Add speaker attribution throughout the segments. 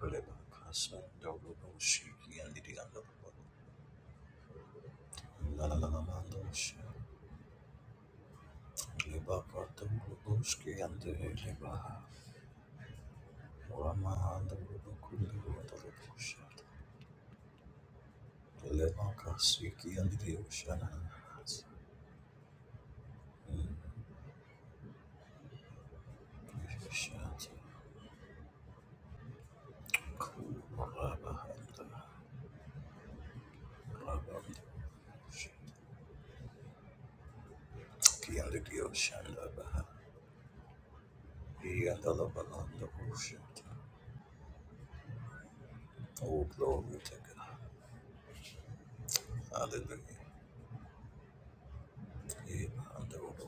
Speaker 1: Lebakas and Dogo Shiki and the other Lalamandos, Lebakatoski and the Lebaha, Rama and the Rubakulu and the Rubushat, Lebakasiki and the Ocean, Shat, Kurabahanda, Raband, Shiki and the Ocean, Labaha, he and the Labalanda Bushat. Oh, glory to God. Hallelujah. Hallelujah.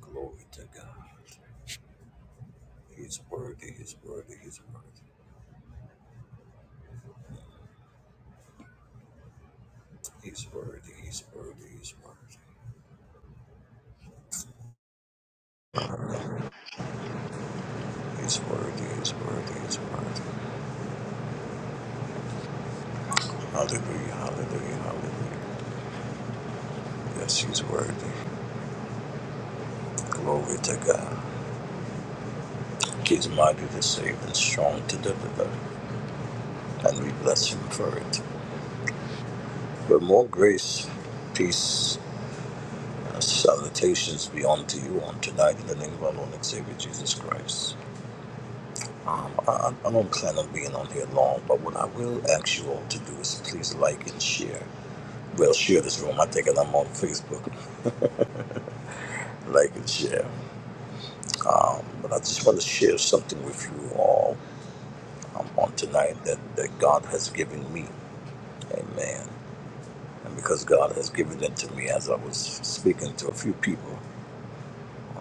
Speaker 1: Glory to God. He's worthy, he's worthy, he's worthy. He's worthy, he's worthy, he's worthy. He's worthy, he's worthy, he's worthy. Hallelujah, hallelujah, hallelujah. Yes, he's worthy. Glory to God. He's mighty to save and strong to deliver. and we bless him for it. But more grace, peace, and salutations be unto you on tonight in the name of our Lord and Savior Jesus Christ. Um, I, I don't plan on being on here long, but what I will ask you all to do is please like and share. Well, share this room. I think that I'm on Facebook. Like and share. Um, but I just want to share something with you all um, on tonight that, that God has given me. Amen. And because God has given it to me, as I was speaking to a few people,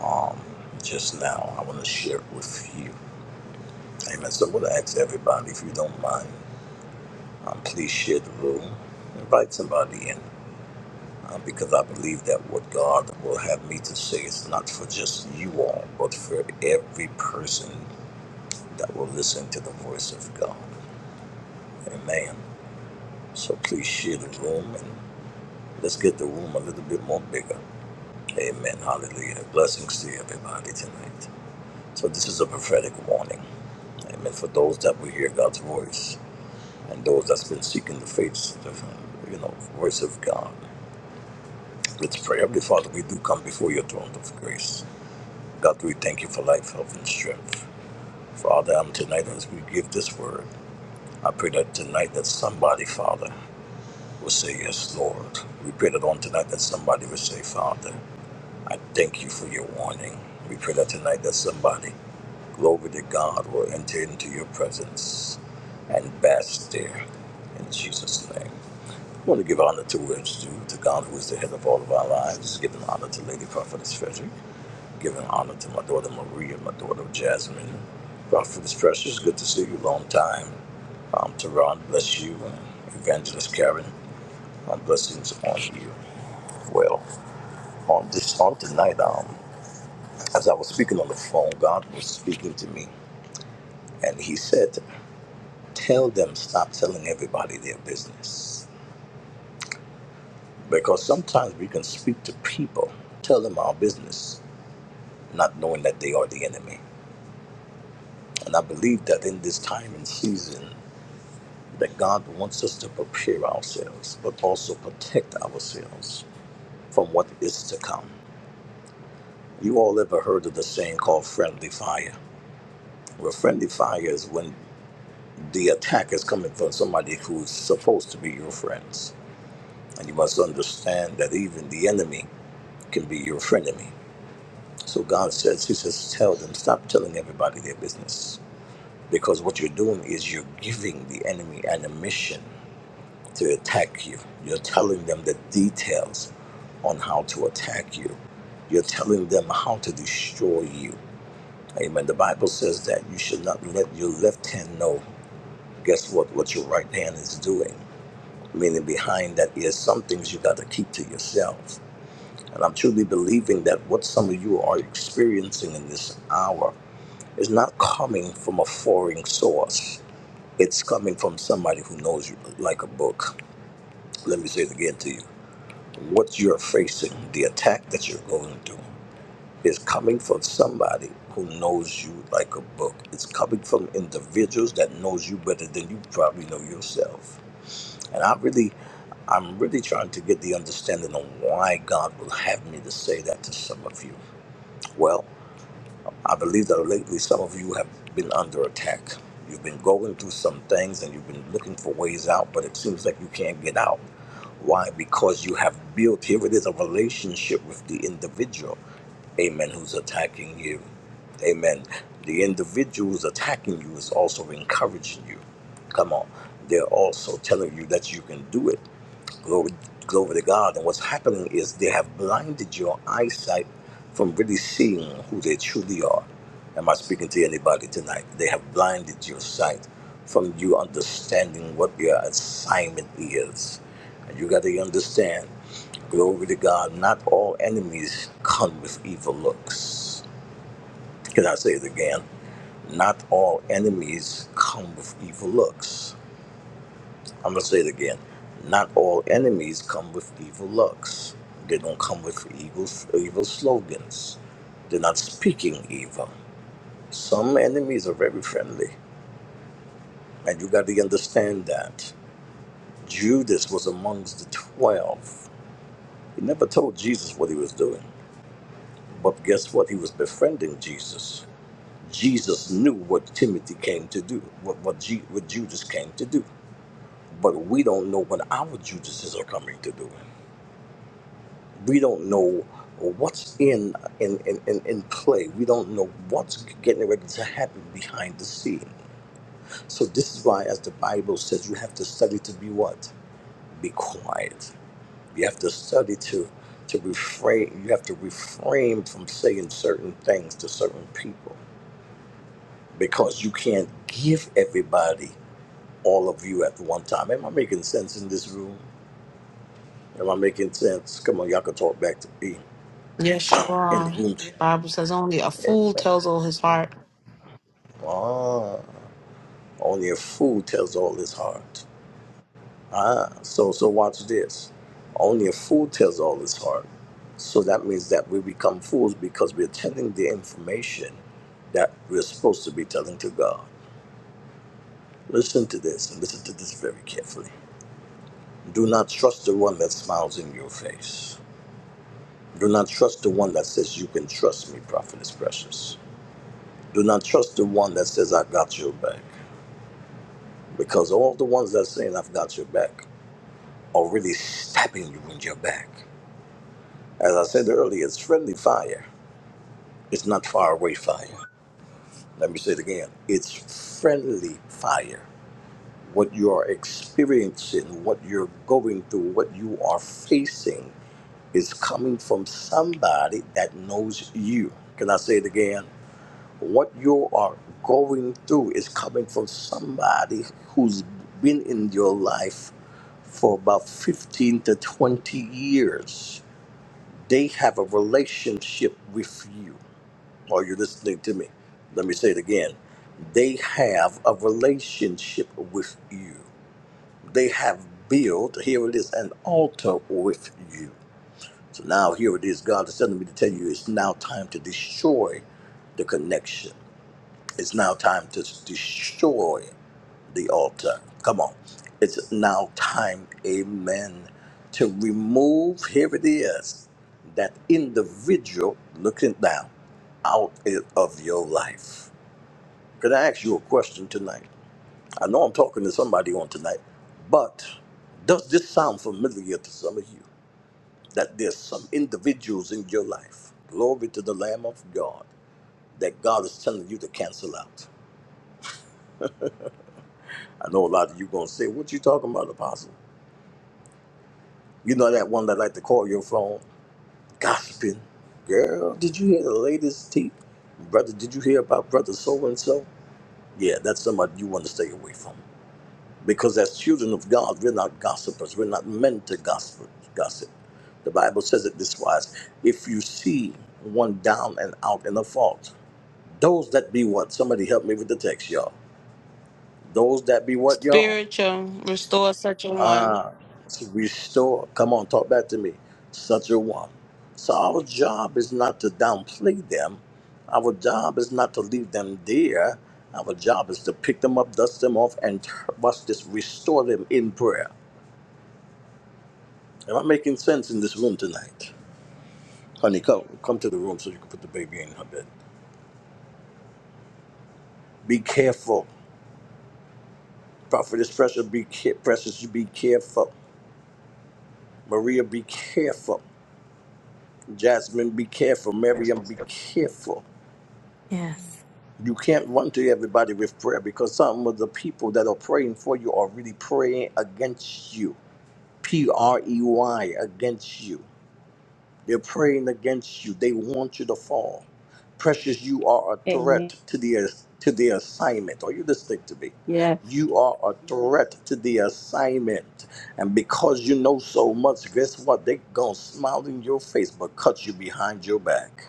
Speaker 1: um, just now. I want to share it with you. Amen. So I'm going to ask everybody, if you don't mind, um, please share the room. Invite somebody in uh, because I believe that what God will have me to say is not for just you all, but for every person that will listen to the voice of God. Amen. So please share the room and let's get the room a little bit more bigger. Amen. Hallelujah. Blessings to everybody tonight. So this is a prophetic warning. Amen. For those that will hear God's voice and those that's been seeking the face, the, you know, voice of God. Let's pray. Heavenly Father, we do come before your throne of grace. God, we thank you for life, health, and strength. Father, I'm tonight as we give this word. I pray that tonight that somebody, Father, will say, Yes, Lord. We pray that on tonight that somebody will say, Father. I thank you for your warning. We pray that tonight that somebody, glory to God, will enter into your presence and bask there in Jesus' name. I want to give honor to who is due, to God who is the head of all of our lives, giving honor to Lady Prophetess Frederick, giving honor to my daughter Maria, my daughter Jasmine. Prophetess Precious, good to see you, long time. Um, Teron, bless you. And Evangelist Karen, um, blessings on you. Well, on this on tonight, um, as I was speaking on the phone, God was speaking to me, and He said, Tell them, stop telling everybody their business. Because sometimes we can speak to people, tell them our business, not knowing that they are the enemy. And I believe that in this time and season, that God wants us to prepare ourselves, but also protect ourselves from what is to come. You all ever heard of the saying called friendly fire? Well, friendly fire is when the attack is coming from somebody who's supposed to be your friends. And you must understand that even the enemy can be your frenemy. So God says, He says, tell them, stop telling everybody their business. Because what you're doing is you're giving the enemy an admission to attack you. You're telling them the details on how to attack you. You're telling them how to destroy you. Amen. The Bible says that you should not let your left hand know, guess what, what your right hand is doing meaning behind that is some things you got to keep to yourself. And I'm truly believing that what some of you are experiencing in this hour is not coming from a foreign source. It's coming from somebody who knows you like a book. Let me say it again to you. What you're facing, the attack that you're going through, is coming from somebody who knows you like a book. It's coming from individuals that knows you better than you probably know yourself. And I really I'm really trying to get the understanding of why God will have me to say that to some of you. Well, I believe that lately some of you have been under attack. You've been going through some things and you've been looking for ways out, but it seems like you can't get out. Why? Because you have built, here it is, a relationship with the individual, amen, who's attacking you. Amen. The individual who's attacking you is also encouraging you. Come on. They're also telling you that you can do it. Glory, glory to God. And what's happening is they have blinded your eyesight from really seeing who they truly are. Am I speaking to anybody tonight? They have blinded your sight from you understanding what your assignment is. And you got to understand, glory to God, not all enemies come with evil looks. Can I say it again? Not all enemies come with evil looks. I'm gonna say it again. Not all enemies come with evil looks. They don't come with evil evil slogans. They're not speaking evil. Some enemies are very friendly, and you got to understand that. Judas was amongst the twelve. He never told Jesus what he was doing, but guess what? He was befriending Jesus. Jesus knew what Timothy came to do, what what, Ju- what Judas came to do, but we don't know what our Judases are coming to do. we don't know what's in in, in, in in play. We don't know what's getting ready to happen behind the scene. So this is why, as the Bible says, you have to study to be what? Be quiet. You have to study to to refrain. You have to refrain from saying certain things to certain people because you can't give everybody all of you at one time. Am I making sense in this room? Am I making sense? Come on, y'all can talk back to me
Speaker 2: Yes, you
Speaker 1: in the
Speaker 2: are.
Speaker 1: room.
Speaker 2: Bible says only a fool
Speaker 1: Amen.
Speaker 2: tells all his heart.
Speaker 1: Ah, only a fool tells all his heart. So, so watch this. Only a fool tells all his heart. So that means that we become fools because we're telling the information that we're supposed to be telling to God. Listen to this and listen to this very carefully. Do not trust the one that smiles in your face. Do not trust the one that says you can trust me, prophetess precious. Do not trust the one that says I got your back. Because all the ones that are saying I've got your back or really stabbing you in your back. As I said earlier, it's friendly fire. It's not far away fire. Let me say it again. It's friendly fire. What you are experiencing, what you're going through, what you are facing is coming from somebody that knows you. Can I say it again? What you are going through is coming from somebody who's been in your life for about 15 to 20 years They have a relationship with you. Are you listening to me? Let me say it again. They have a relationship with you. They have built, here it is, an altar with you. So now here it is. God is telling me to tell you it's now time to destroy the connection. It's now time to destroy the altar. Come on. It's now time, amen, to remove, here it is, that individual looking down out i- of your life. Could I ask you a question tonight? I know I'm talking to somebody on tonight, but does this sound familiar to some of you? That there's some individuals in your life, glory to the Lamb of God, that God is telling you to cancel out. I know a lot of you gonna say, "What you talking about, Apostle?" You know that one that like to call your phone, gossiping. Girl, did you hear the latest tea? Brother, did you hear about brother so and so? Yeah, that's somebody you want to stay away from. Because as children of God, we're not gossipers. We're not meant to gossip. gossip. The Bible says it this wise. If you see one down and out in a fault, those that be what? Somebody help me with the text, y'all. Those that be what, y'all?
Speaker 2: Spiritual, restore such a one.
Speaker 1: uh, to restore. Come on, talk back to me. Such a one. So our job is not to downplay them. Our job is not to leave them there. Our job is to pick them up, dust them off, and tur- watch this, restore them in prayer. Am I making sense in this room tonight? Honey, come come to the room so you can put the baby in her bed. Be careful. Prophetess Precious, be care- precious, you be careful. Maria, be careful. Jasmine, be careful. Miriam, be careful.
Speaker 3: Yes.
Speaker 1: you can't run to everybody with prayer because some of the people that are praying for you are really praying against you. P R E Y against you. They're praying against you. They want you to fall. Precious, you are a threat
Speaker 4: Amen.
Speaker 1: to the to the assignment. Are you listening to me?
Speaker 4: Yes,
Speaker 1: You are a threat to the assignment. And because you know so much, guess what? They're gonna smile in your face but cut you behind your back.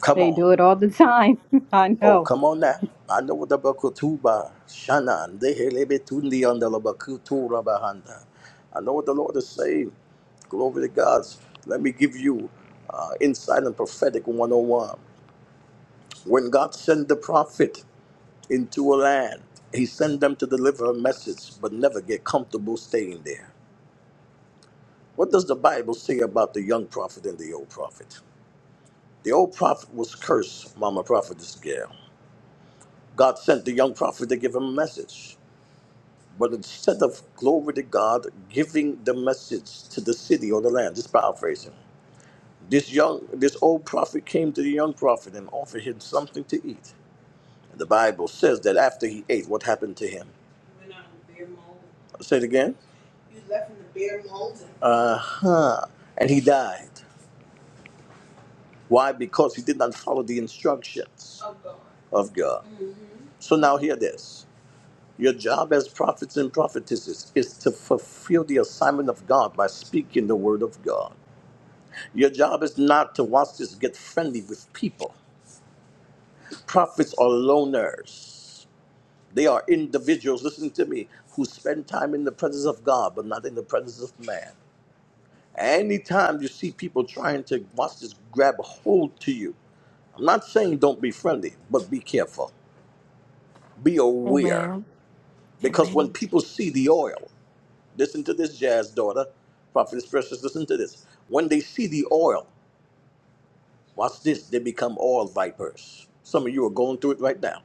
Speaker 1: Come
Speaker 4: they
Speaker 1: on.
Speaker 4: do it all the time. I
Speaker 1: Oh,
Speaker 4: know.
Speaker 1: come on now. I know Ando Bakutuba Shana Dehelebetundi on the Bakutura Bahanda. I know what the Lord is saying. Glory to God. Let me give you uh, insight and prophetic 101. When God sent the prophet into a land, he sent them to deliver a message, but never get comfortable staying there. What does the Bible say about the young prophet and the old prophet? The old prophet was cursed, Mama Prophetess Gail. God sent the young prophet to give him a message. But instead of glory to God, giving the message to the city or the land, just paraphrasing, this young, this old prophet came to the young prophet and offered him something to eat. The Bible says that after he ate, what happened to him? Say it again. Uh huh. And he died. Why? Because he did not follow the instructions of God. Of God. So now hear this. Your job as prophets and prophetesses is to fulfill the assignment of God by speaking the word of God. Your job is not to watch this get friendly with people. Prophets are loners. They are individuals, listen to me, who spend time in the presence of God, but not in the presence of man. Anytime you see people trying to watch this grab hold to you, I'm not saying don't be friendly, but be careful. Be aware.
Speaker 5: Amen.
Speaker 1: Because when
Speaker 5: Amen.
Speaker 1: people see the oil, listen to this, Jazz daughter, Prophetess Precious, listen to this. When they see the oil, Watch this, they become oil vipers. Some of you are going through it right now.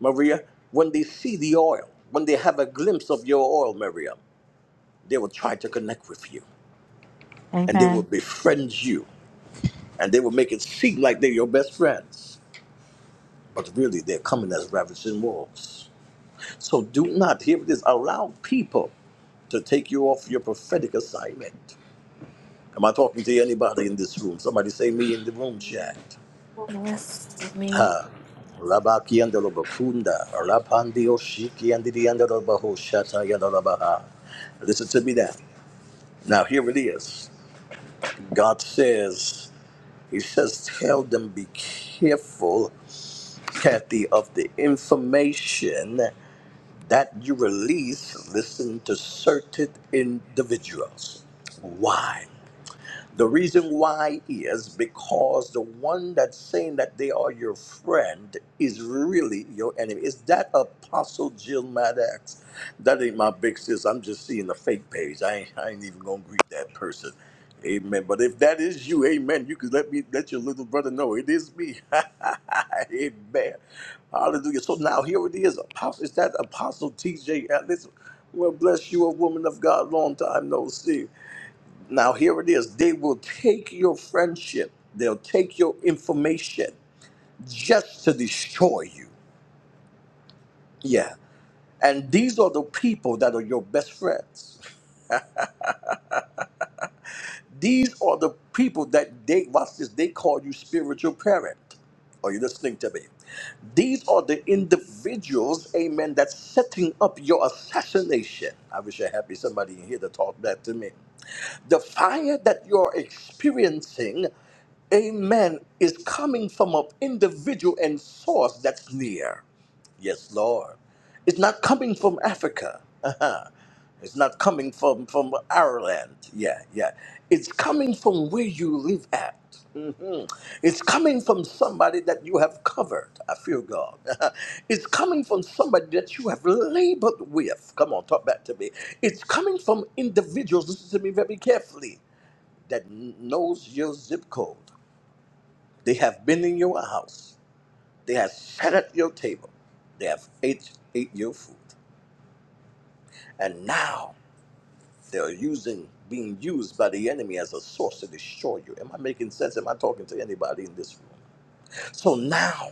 Speaker 1: Maria, when they see the oil, when they have a glimpse of your oil, Maria, they will try to connect with you and they will
Speaker 3: Amen.
Speaker 1: befriend you and they will make it seem like they're your best friends. But really, they're coming as ravaging wolves. So do not, hear this, allow people to take you off your prophetic assignment. Am I talking to anybody in this room? Somebody say me in the room chat.
Speaker 5: Yes, me.
Speaker 1: Rabaki and the Lobakunda, Rapandi Oshiki and the end of the Baho Shata Yadalabaha. Listen to me now. Now here it is. God says, He says, tell them be careful, Kathy, of the information that you release, listen to certain individuals. Why? The reason why is because the one that's saying that they are your friend is really your enemy. Is that Apostle Jill Maddox? That ain't my big sis. I'm just seeing a fake page. I ain't, I ain't even gonna greet that person. Amen. But if that is you, amen, you can let me let your little brother know it is me. amen. Hallelujah. So now here it is. Apostle is that Apostle TJ Ellis? Well, bless you, a woman of God, long time no see. Now, here it is. They will take your friendship, they'll take your information just to destroy you. Yeah. And these are the people that are your best friends. These are the people that they, watch this, they call you spiritual parent. Are you listening to me? These are the individuals, amen, that's setting up your assassination. I wish I had me somebody in here to talk back to me. The fire that you're experiencing, amen, is coming from an individual and source that's near. Yes, Lord. It's not coming from Africa. It's not coming from, from Ireland. Yeah, yeah. It's coming from where you live at. It's coming from somebody that you have covered. I feel God. it's coming from somebody that you have labored with. Come on, talk back to me. It's coming from individuals. Listen to me very carefully that knows your zip code. They have been in your house. They have sat at your table. They have ate, ate your food. And now they're using, being used by the enemy as a source to destroy you. Am I making sense? Am I talking to anybody in this room? So now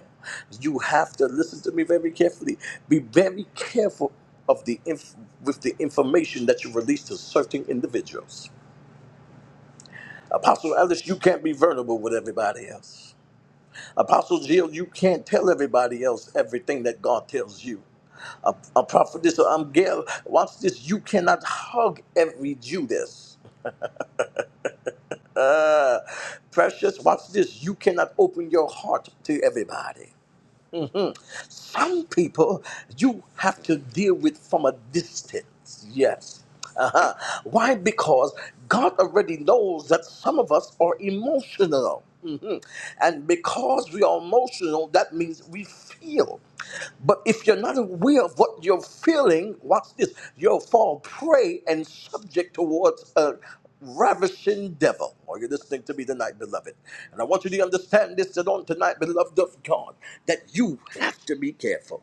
Speaker 1: you have to listen to me very carefully. Be very careful of the inf- with the information that you release to certain individuals. Apostle Ellis, you can't be vulnerable with everybody else. Apostle Jill, you can't tell everybody else everything that God tells you. A, a prophetess um, Gail, watch this. You cannot hug every Judas. Uh, precious, watch this. You cannot open your heart to everybody. Some people you have to deal with from a distance. Yes. Uh-huh. Why? Because God already knows that some of us are emotional. Mhm. And because we are emotional, that means we feel. But if you're not aware of what you're feeling, watch this, you'll fall prey and subject towards uh, ravishing devil. Are you listening to me tonight, beloved? And I want you to understand this that on tonight, beloved of God, that you have to be careful.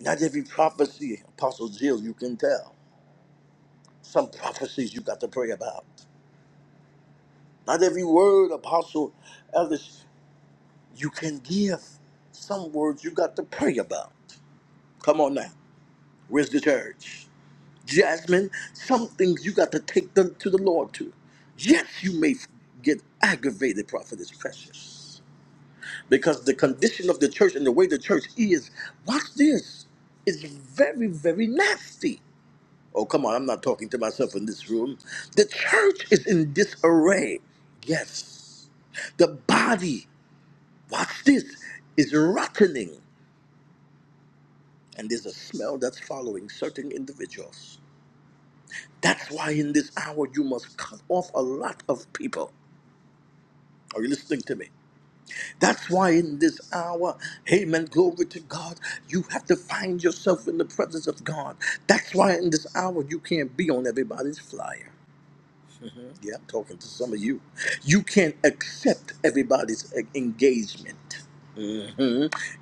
Speaker 1: Not every prophecy, Apostle Jill, you can tell. Some prophecies you got to pray about. Not every word, Apostle Ellis, you can give. Some words you got to pray about. Come on now. Where's the church? Jasmine, some things you got to take them to the Lord to. Yes, you may get aggravated, prophetess precious. because the condition of the church and the way the church is, watch this, is very, very nasty. Oh, come on, I'm not talking to myself in this room. The church is in disarray. Yes. The body, watch this, is rottening, and there's a smell that's following certain individuals. That's why in this hour you must cut off a lot of people. Are you listening to me? That's why in this hour, amen, glory to God, you have to find yourself in the presence of God. That's why in this hour, you can't be on everybody's flyer. Yeah, I'm talking to some of you. You can't accept everybody's uh, engagement.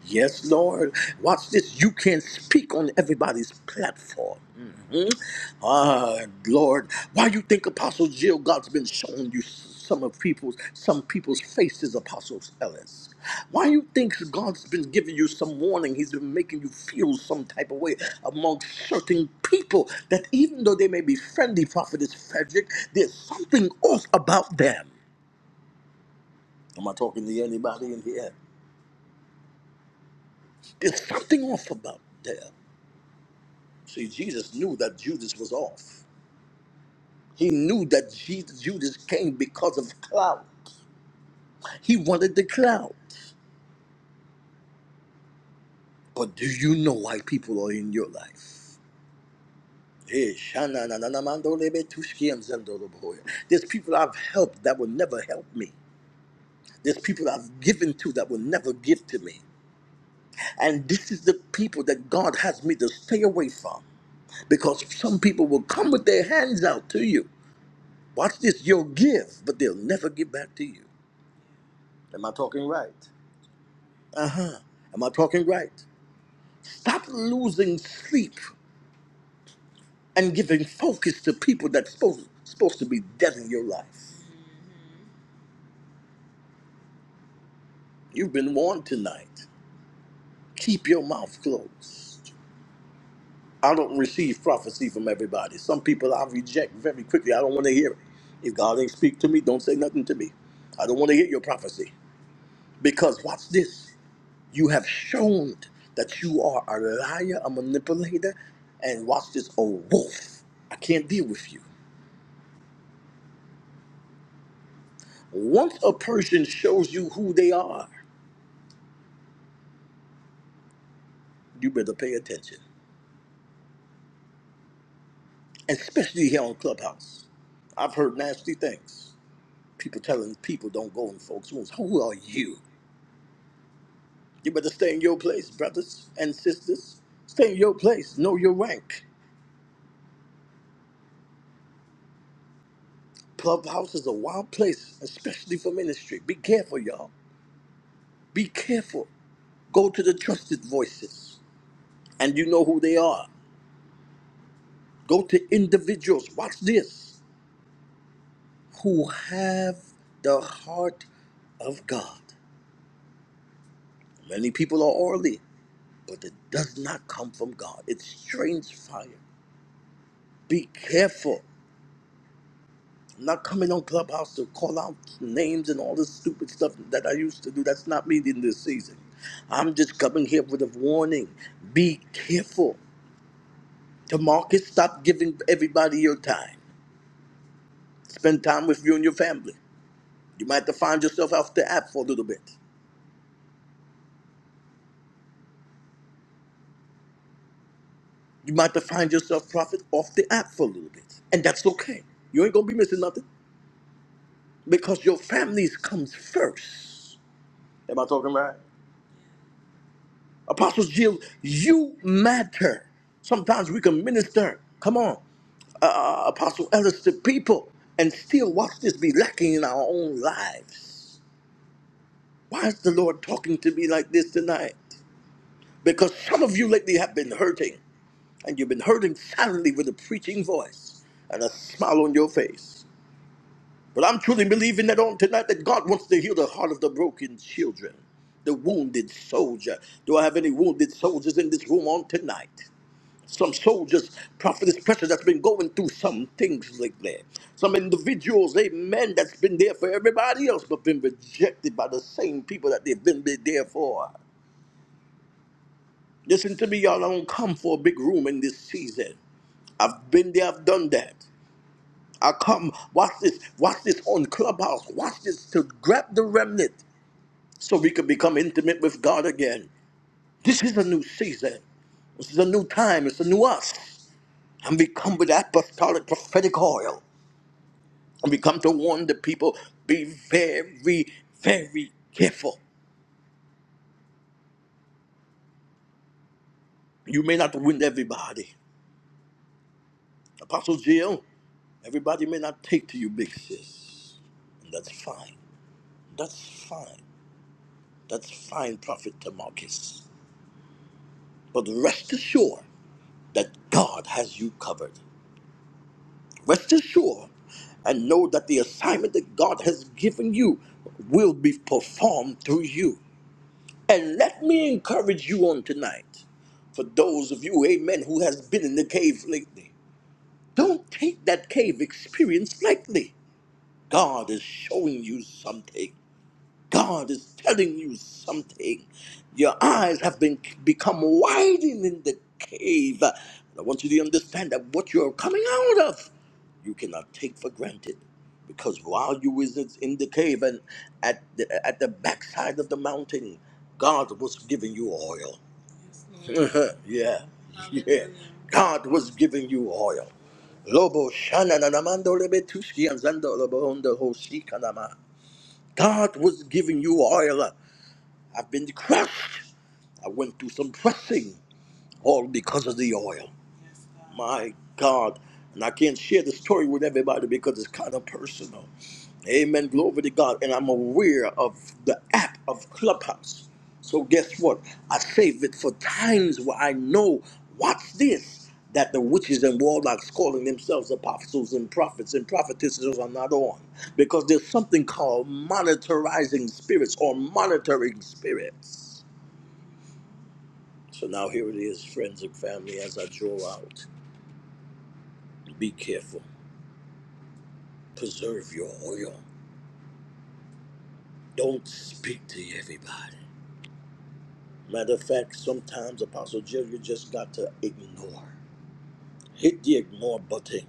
Speaker 1: Yes, Lord. Watch this. You can't speak on everybody's platform. Ah, Lord, why you think Apostle Jill God's been showing you some of people's some people's faces, Apostle Ellis? Why you think God's been giving you some warning? He's been making you feel some type of way among certain people that even though they may be friendly, Prophetess Frederick, there's something off about them. Am I talking to anybody in here? There's something off about them. See, Jesus knew that Judas was off. He knew that Jesus, Judas came because of He wanted the clout. But do you know why people are in your life? Eh, shana na na na mando lebe tushki and zendo loboya. There's people I've helped that will never help me. There's people I've given to that will never give to me. And this is the people that God has me to stay away from. Because some people will come with their hands out to you. Watch this, you'll give, but they'll never give back to you. Am I talking right? Am I talking right? Stop losing sleep and giving focus to people that's supposed, supposed to be dead in your life. You've been warned tonight. Keep your mouth closed. I don't receive prophecy from everybody. Some people I reject very quickly. I don't want to hear it. If God ain't speak to me, don't say nothing to me. I don't want to hear your prophecy. Because watch this. You have shown that you are a liar, a manipulator, and watch this, a wolf. I can't deal with you. Once a person shows you who they are, you better pay attention. especially here on Clubhouse. I've heard nasty things. People telling people don't go in folks' rooms. Who are you? You better stay in your place, brothers and sisters. Stay in your place. Know your rank. Clubhouse is a wild place, especially for ministry. Be careful, y'all. Be careful. Go to the trusted voices, and you know who they are. Go to individuals. Watch this. Who have the heart of God. Many people are orally. but it does not come from God. It's strange fire. Be careful. I'm not coming on Clubhouse to call out names and all this stupid stuff that I used to do. That's not me in this season. I'm just coming here with a warning. Be careful. Tamarcus, stop giving everybody your time. Spend time with you and your family. You might have to find yourself off the app for a little bit. You might have to find yourself, prophet, off the app for a little bit. And that's okay. You ain't going to be missing nothing because your families comes first. Am I talking right? Apostles Jill, you matter. Sometimes we can minister. Come on, uh, uh, uh, Apostle Ellis, to people, and still watch this be lacking in our own lives. Why is the Lord talking to me like this tonight? Because some of you lately have been hurting, and you've been hurting silently with a preaching voice and a smile on your face. But I'm truly believing that on tonight that God wants to heal the heart of the broken children, the wounded soldier. Do I have any wounded soldiers in this room on tonight? Some soldiers, prophetess pressure that's been going through some things lately. Some individuals, amen, that's been there for everybody else, but been rejected by the same people that they've been there for. Listen to me, y'all. I don't come for a big room in this season. I've been there, I've done that. I come, watch this, watch this on Clubhouse, watch this to grab the remnant. so we could become intimate with God again. This is a new season. This is a new time. It's a new us. And we come with apostolic prophetic oil. And we come to warn the people be very, very careful. You may not win everybody. Apostle Jill, everybody may not take to you, big sis. And that's fine. That's fine. That's fine, Prophet Tamarcus. But rest assured that God has you covered. Rest assured and know that the assignment that God has given you will be performed through you. And let me encourage you on tonight, for those of you, amen, who has been in the cave lately, don't take that cave experience lightly. God is showing you something. God is telling you something. Your eyes have been become widened in the cave. I want you to understand that what you're coming out of, you cannot take for granted. Because while you was in the cave and at the, at the backside of the mountain, God was giving you oil. yeah, yeah. God was giving you oil. Lobo shana na namando lebe tuski anzando lobo hondo hoshi kanama. God was giving you oil. I've been crushed. I went through some pressing, all because of the oil. My God. And I can't share the story with everybody because it's kind of personal. Amen. Glory to God. And I'm aware of the app of Clubhouse. So guess what? I save it for times where I know, watch this, that the witches and warlocks calling themselves apostles and prophets and prophetesses are not on. Because there's something called monitorizing spirits or monitoring spirits. So now here it is, friends and family, as I draw out. Be careful. Preserve your oil. Don't speak to everybody. Matter of fact, sometimes, Apostle Jill, you just got to ignore. Hit the ignore button.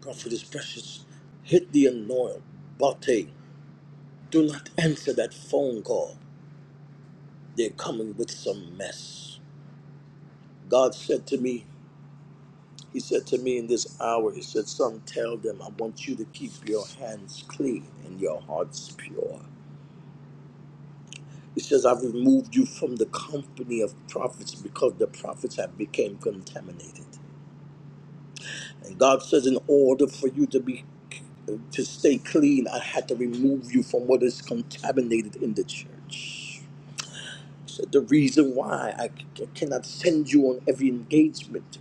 Speaker 1: Prophet is precious. Hit the ignore button. Do not answer that phone call. They're coming with some mess. God said to me, He said to me in this hour, He said, Son, tell them I want you to keep your hands clean and your hearts pure. It says, I've removed you from the company of prophets because the prophets have become contaminated. And God says, in order for you to be to stay clean, I had to remove you from what is contaminated in the church. He said, the reason why I c- cannot send you on every engagement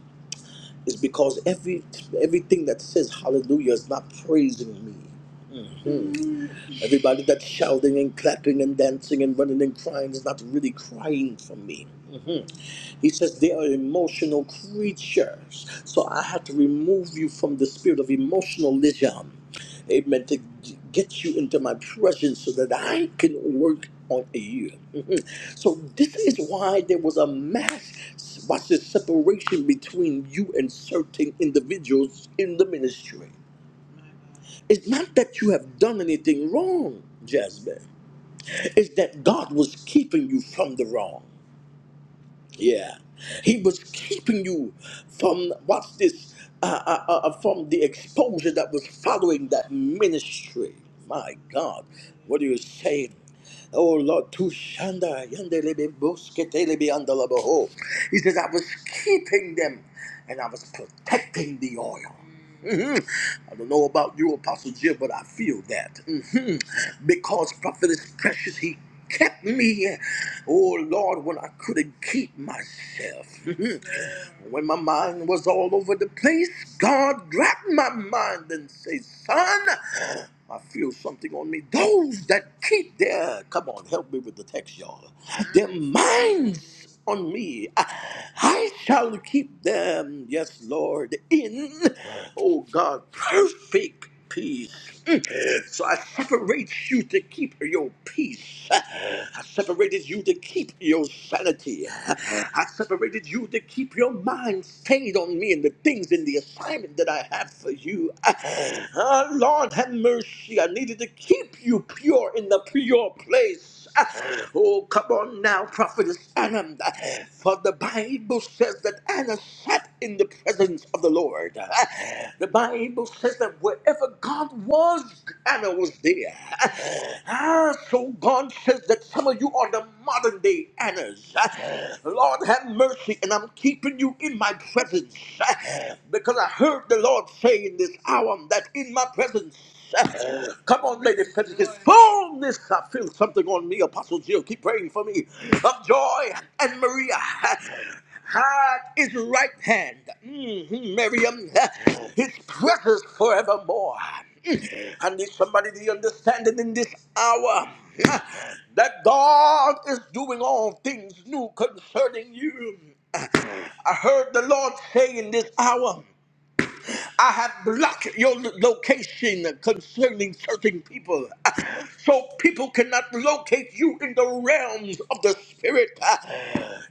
Speaker 1: is because every everything that says hallelujah is not praising me. Hmm. Everybody that's shouting and clapping and dancing and running and crying is not really crying for me. He says they are emotional creatures. So I had to remove you from the spirit of emotionalism. Amen. To g- get you into my presence so that I can work on you. Mhm. so this is why there was a mass watch this separation between you and certain individuals in the ministry. It's not that you have done anything wrong, Jasmine. It's that God was keeping you from the wrong. Yeah, he was keeping you from what's this? Uh, uh, uh, uh, from the exposure that was following that ministry. My God, what are you saying? Oh Lord, Tushanda yandelebe bosketelebe andalabaho. He says, I was keeping them and I was protecting the oil. Mhm. I don't know about you, Apostle Jim, but I feel that. hmm Because Prophet is precious, he kept me. Oh Lord, when I couldn't keep myself. Mhm. when my mind was all over the place, God grabbed my mind and said, Son, I feel something on me. Those that keep their, come on, help me with the text, y'all. Their minds eyes on me. I shall keep them, yes, Lord, in, oh God, perfect peace. Mm. So I separate you to keep your peace. I separated you to keep your sanity. I separated you to keep your mind stayed on me and the things and the assignment that I have for you. Ah, Lord, have mercy. I needed to keep you pure in the pure place. Jesus. Ah, Oh, come on now, prophetess Anna. For the Bible says that Anna sat in the presence of the Lord. Ah, The Bible says that wherever God was, Anna was there. Ah, so God says that some of you are the modern day Annas. Ah, Lord have mercy, and I'm keeping you in my presence Ah, because I heard the Lord say in this hour that in my presence. Come on, Lady Pentecost. Boom! This I feel something on me. Apostle Jill, keep praying for me. Of joy and Maria. Had his right hand, hmm Miriam, his presence forevermore. Mm. I need somebody to understand it in this hour Mm, that God is doing all things new concerning you. Mm. I heard the Lord say in this hour. I have blocked your lo- location concerning certain people. So people cannot locate you in the realms of the spirit.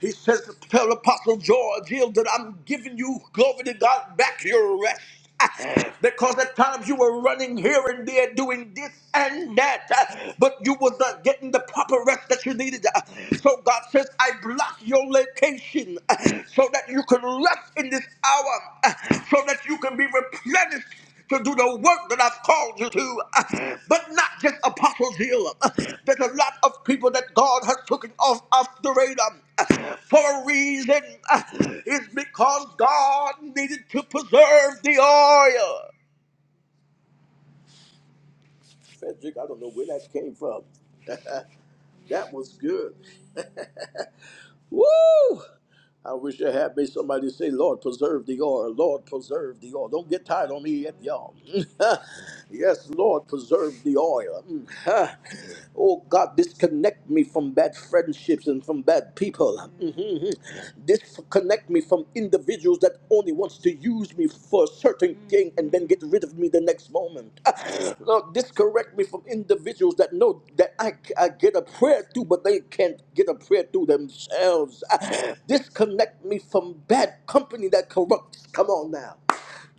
Speaker 1: He says, Tell Apostle George Hill that I'm giving you, glory to God, back your rest. because at times you were running here and there doing this and that, uh, but you was not getting the proper rest that you needed. uh. So God says, I block your location uh, so that you can rest in this hour, uh, so that you can be replenished to do the work that I've called you to, uh, but not just Apostle Zeal. Uh, There's a lot of people that God has taken off off the radar uh, for a reason. Uh, It's because God needed to preserve the oil. Frederick, I don't know where that came from. That was good. Woo! I wish I had me somebody to say, Lord, preserve the oil. Lord, preserve the oil. Don't get tired on me yet, y'all. yes, Lord, preserve the oil. Mm, huh. oh, God, disconnect me from bad friendships and from bad people. Mhm. Disconnect me from individuals that only wants to use me for a certain thing and then get rid of me the next moment. Ah, Lord, disconnect me from individuals that that know that I, I get a prayer through, but they can't get a prayer through themselves. Ah, disconnect me from bad company that corrupts. Come on now.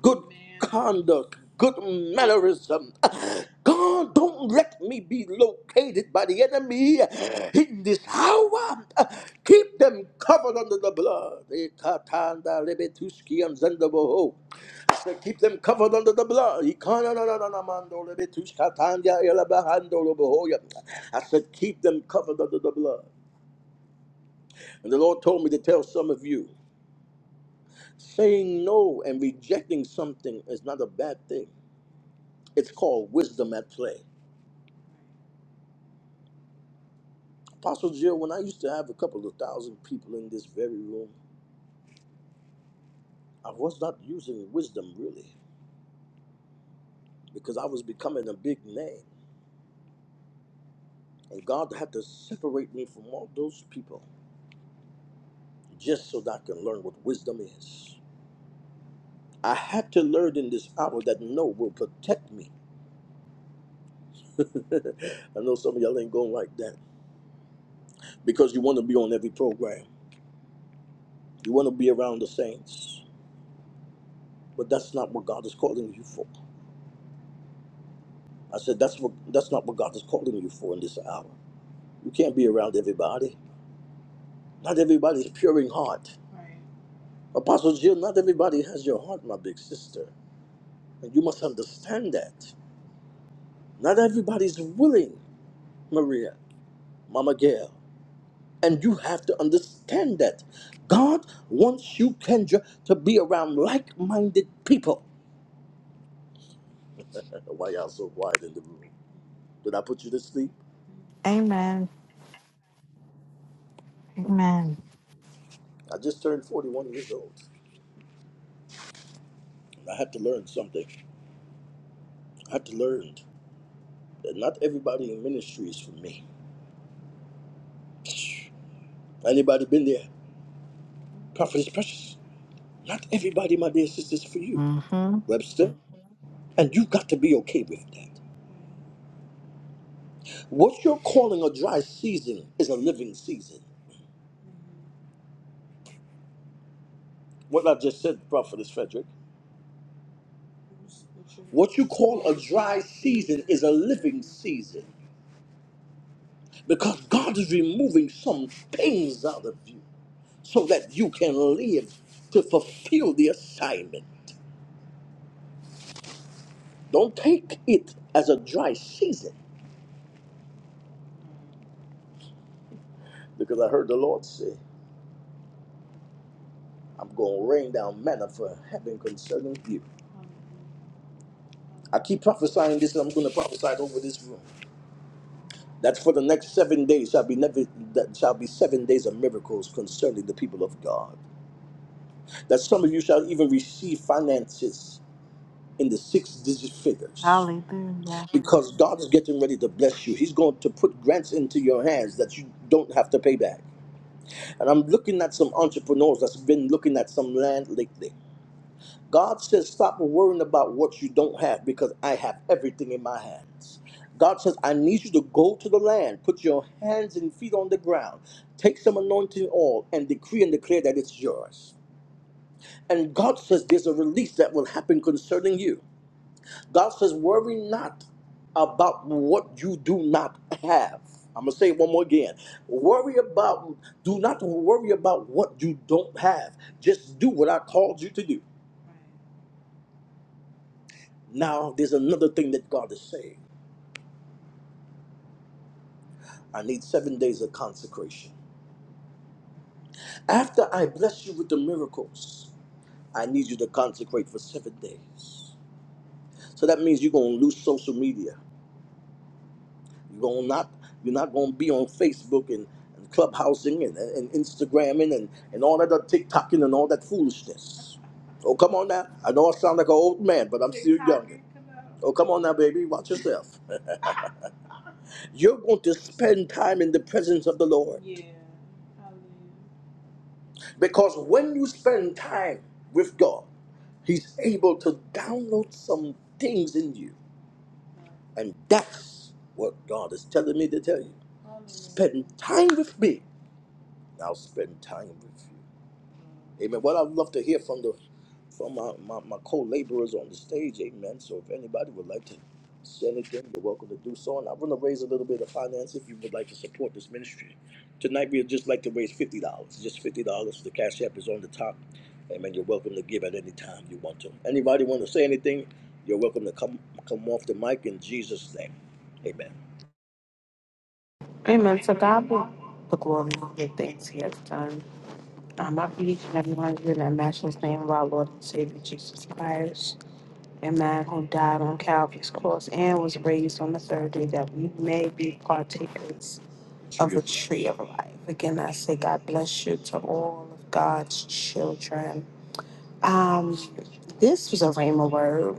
Speaker 1: Good Amen. conduct, good mannerism. Ah, God, don't let me be located by the enemy in this hour. Ah, Keep them covered under the blood. Eh, lebetuski and zendabo. So keep them covered under the blood. I said, keep them covered under the blood. And the Lord told me to tell some of you, saying no and rejecting something is not a bad thing. It's called wisdom at play. Apostle Jill, when I used to have a couple of thousand people in this very room, I was not using wisdom really because I was becoming a big name. And God had to separate me from all those people just so that I can learn what wisdom is. I had to learn in this hour that no will protect me. I know some of y'all ain't going like that because you want to be on every program. You want to be around the saints, but that's not what God is calling you for. I said that's what that's not what God is calling you for in this hour. You can't be around everybody. Not everybody is pure in heart. Apostle Jill, not everybody has your heart, my big sister, and you must understand that. Not everybody's willing, Maria, Mama Gail. And you have to understand that God wants you, Kendra, to be around like minded people. I don't know Why y'all so quiet in the room? Did I put you to sleep?
Speaker 3: Amen. Amen.
Speaker 1: I just turned 41 years old. I had to learn something. I had to learn that not everybody in ministry is for me. Anybody been there? Prophet is precious. Not everybody, my dear sisters, for you,
Speaker 3: hmm
Speaker 1: Webster. And you got to be okay with that. What you're calling a dry season is a living season. What I just said, Prophet is Frederick. What you call a dry season is a living season because God is removing some things out of you so that you can live to fulfill the assignment. Don't take it as a dry season because I heard the Lord say, I'm going to rain down manna for heaven concerning you. I keep prophesying this and I'm going to prophesy it over this room. That's for the next seven days shall be never that shall be seven days of miracles concerning the people of God. that some of you shall even receive finances in the six digit figures
Speaker 3: Hallelujah.
Speaker 1: because God is getting ready to bless you. He's going to put grants into your hands that you don't have to pay back. And I'm looking at some entrepreneurs that's been looking at some land lately. God says, Stop worrying about what you don't have because I have everything in my hands. God says, I need you to go to the land, put your hands and feet on the ground, take some anointing oil, and decree and declare that it's yours. And God says there's a release that will happen concerning you. God says, worry not about what you do not have. I'm gonna say it one more again. Worry about, do not worry about what you don't have. Just do what I called you to do. Now, there's another thing that God is saying. I need seven days of consecration. After I bless you with the miracles, I need you to consecrate for seven days. So that means you're gonna lose social media. You're gonna not you're not gonna be on Facebook and, and clubhousing and, and Instagramming and, and all that other TikToking and all that foolishness. Oh come on now. I know I sound like an old man, but I'm still younger. Oh come on now, baby, watch yourself. You're going to spend time in the presence of the Lord. Yeah, Because when you spend time with God, He's able to download some things in you And that's what God is telling me to tell you. Amen. Spend time with me. I'll spend time with you. Amen. Well, I'd love to hear from the from my, my, my co-laborers on the stage. Amen. So if anybody would like to say anything, you're welcome to do so. And I want to raise a little bit of finance if you would like to support this ministry. Tonight we'd just like to raise fifty dollars. Just fifty dollars. The cash app is on the top. Amen. You're welcome to give at any time you want to. Anybody want to say anything? You're welcome to come come off the mic in Jesus' name. Amen.
Speaker 2: Amen. So God will the glory of the things he has done. Um, I believe in everyone here in the matchless name of our Lord and Savior Jesus Christ. A man who died on Calvary's cross and was raised on the third day that we may be partakers of the tree of life. Again, I say God bless you to all of God's children. Um, this was a rhema word.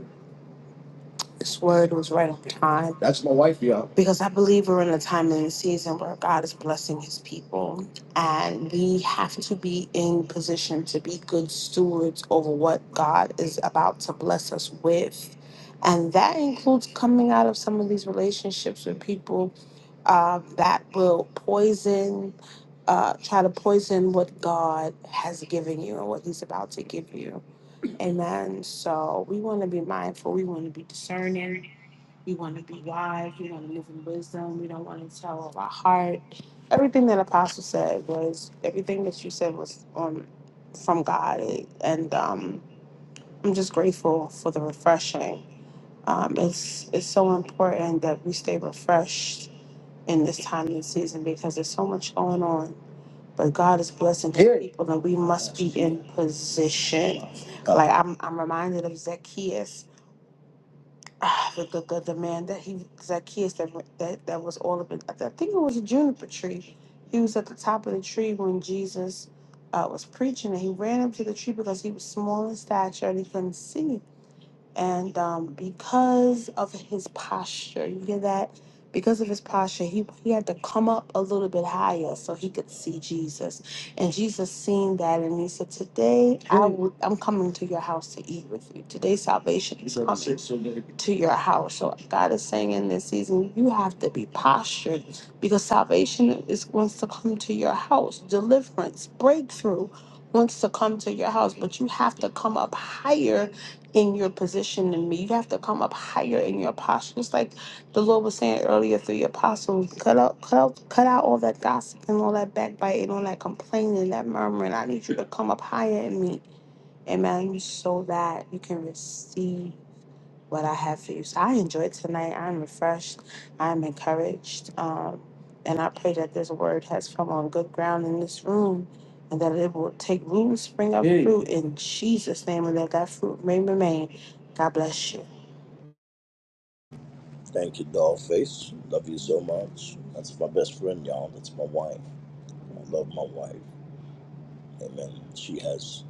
Speaker 2: This word was right on time That's my wife, y'all. because I believe we're in a time and a season where God is blessing his people. And we have to be in position to be good stewards over what God is about to bless us with. And that includes coming out of some of these relationships with people uh, that will poison, uh, try to poison what God has given you and what he's about to give you. Amen. So we want to be mindful. We want to be discerning. We want to be wise. We want to live in wisdom. We don't want to tell of our heart. Everything that Apostle said was everything that you said was um, from God, and um, I'm just grateful for the refreshing. Um, it's it's so important that we stay refreshed in this time and season because there's so much going on but God is blessing his Yeah. people and we must be in position. Like I'm I'm reminded of Zacchaeus. ah, The, the, the, the man that he Zacchaeus that, that that was all up in I think it was a juniper tree. He was at the top of the tree when Jesus uh, was preaching and he ran up to the tree because he was small in stature and he couldn't see. And um, because of his posture, you hear that? Because of his posture, he, he had to come up a little bit higher so he could see Jesus. And Jesus seen that and he said, Today I will, I'm coming to your house to eat with you. Today salvation is coming to your house. So God is saying in this season, you have to be postured because salvation is wants to come to your house. Deliverance, breakthrough wants to come to your house, but you have to come up higher in your position and me. You have to come up higher in your posture. Just like the Lord was saying earlier through your apostles, cut out cut out cut out all that gossip and all that backbiting, all that complaining, that murmuring. I need you to come up higher in me. Amen. So that you can receive what I have for you. So I enjoyed tonight. I'm refreshed. I'm encouraged. Um, and I pray that this word has come on good ground in this room and that it will take root and spring up Hey. fruit in Jesus' name and that that fruit may remain. God bless you.
Speaker 1: Thank you, Dollface. Love you so much. That's my best friend, y'all. That's my wife. I love my wife. Amen. She has,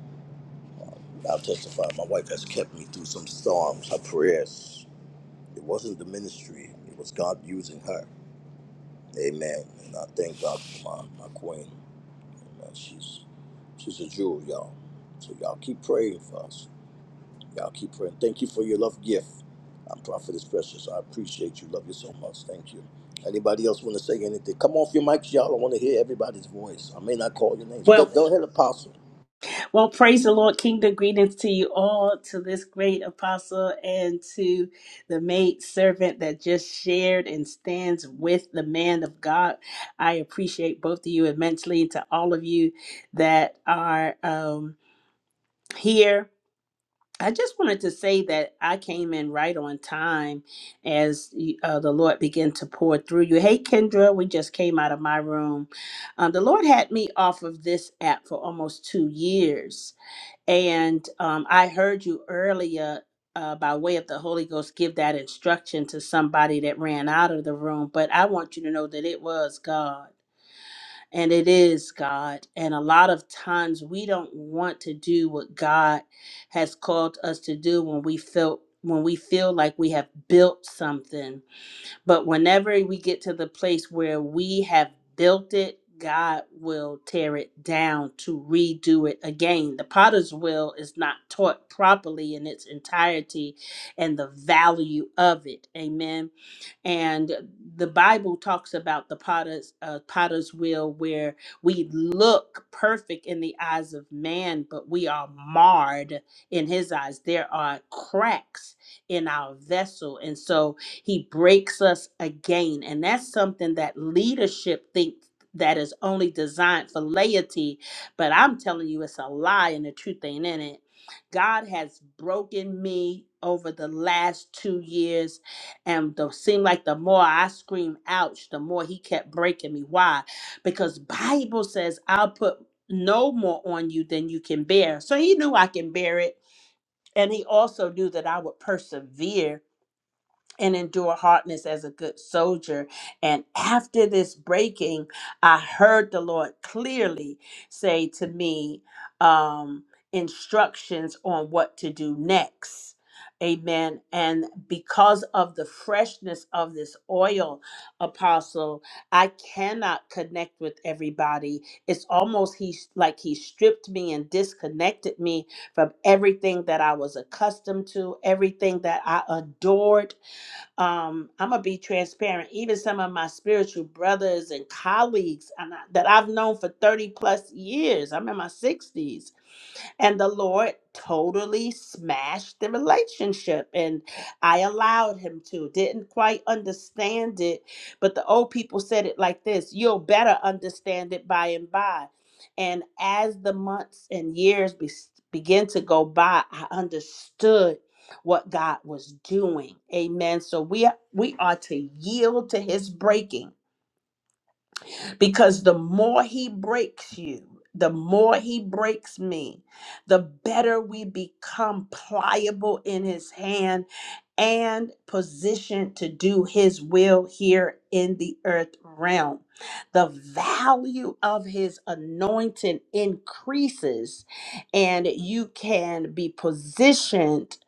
Speaker 1: I'll testify, my wife has kept me through some storms. Her prayers, it wasn't the ministry, it was God using her. Amen. And I thank God for my, my queen. Amen. She's, she's a jewel, y'all. So y'all keep praying for us. Y'all keep praying. Thank you for your love gift. I'm Prophetess Precious. I appreciate you. Love you so much. Thank you. Anybody else want to say anything? Come off your mics, y'all. I want to hear everybody's voice. I may not call your names. Go,
Speaker 6: Well,
Speaker 1: go ahead, Apostle.
Speaker 6: well, praise the Lord. Kingdom greetings to you all, to this great apostle, and to the maid servant that just shared and stands with the man of God. I appreciate both of you immensely, and to all of you that are um, here. I just wanted to say that I came in right on time as uh, the Lord began to pour through you. Hey, Kendra, we just came out of my room. Um, the Lord had me off of this app for almost two years and um, I heard you earlier uh, by way of the Holy Ghost give that instruction to somebody that ran out of the room, but I want you to know that it was God and it is God. And a lot of times we don't want to do what God has called us to do when we felt when we feel like we have built something but whenever we get to the place where we have built it, God will tear it down to redo it again. The potter's wheel is not taught properly in its entirety and the value of it. Amen and the Bible talks about the potter's uh, potter's wheel, where we look perfect in the eyes of man, but we are marred in his eyes. There are cracks in our vessel, and so he breaks us again. And that's something that leadership thinks that is only designed for laity, but I'm telling you, it's a lie, and the truth ain't in it. God has broken me over the last two years and the seemed like the more I screamed ouch, the more he kept breaking me. Why? Because Bible says I'll put no more on you than you can bear. So he knew I can bear it. And he also knew that I would persevere and endure hardness as a good soldier. And after this breaking, I heard the Lord clearly say to me um, instructions on what to do next. Amen. And because of the freshness of this oil, apostle, I cannot connect with everybody. It's almost he's like he stripped me and disconnected me from everything that I was accustomed to, everything that I adored um, I'm gonna be transparent. Even some of my spiritual brothers and colleagues and I- that I've known for 30 plus years, I'm in my 60s and the Lord totally smashed the relationship. And I allowed him to. Didn't quite understand it. But the old people said it like this you'll better understand it by and by. And as the months and years be- began to go by, I understood what God was doing. Amen. So we are, we are to yield to his breaking because the more he breaks you, the more he breaks me, the better we become pliable in his hand and positioned to do his will here in the earth realm. The value of his anointing increases, and you can be positioned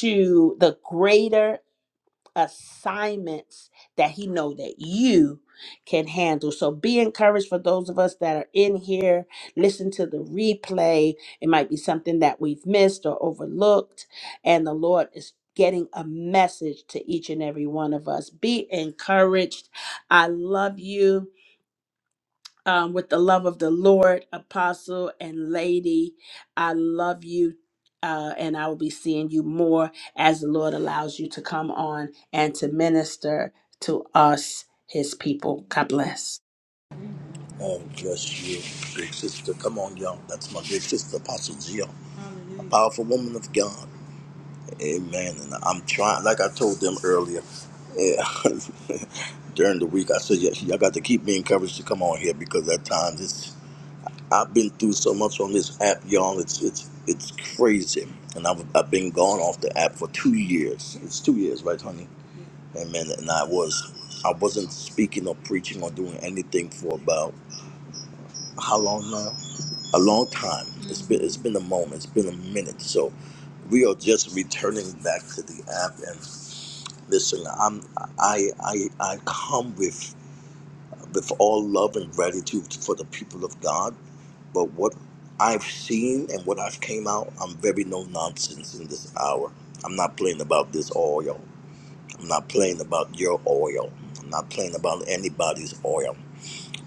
Speaker 6: to the greater assignments that he know that you can handle so be encouraged for those of us that are in here listen to the replay it might be something that we've missed or overlooked and the lord is getting a message to each and every one of us be encouraged i love you um, with the love of the Lord, Apostle and Lady. I love you. Uh, and I will be seeing you more as the Lord allows you to come on and to minister to us, His people. God bless.
Speaker 1: Oh, bless you, big sister. Come on, y'all. That's my big sister, Apostle Jill. Powerful woman of God. Amen. And I'm trying, like I told them earlier, yeah, during the week, I said, yeah, y'all got to keep me encouraged to come on here because at times it's, I've been through so much on this app, y'all. It's it's it's crazy. And I've, I've been gone off the app for two years. It's two years, right, honey? Amen. And I was, I wasn't speaking or preaching or doing anything for about how long now? a long time. It's been it's been a moment. It's been a minute. So we are just returning back to the app and listen. I'm I I I come with with all love and gratitude for the people of God. But what I've seen and what I've came out, I'm very no nonsense in this hour. I'm not playing about this oil. I'm not playing about your oil. I'm not playing about anybody's oil.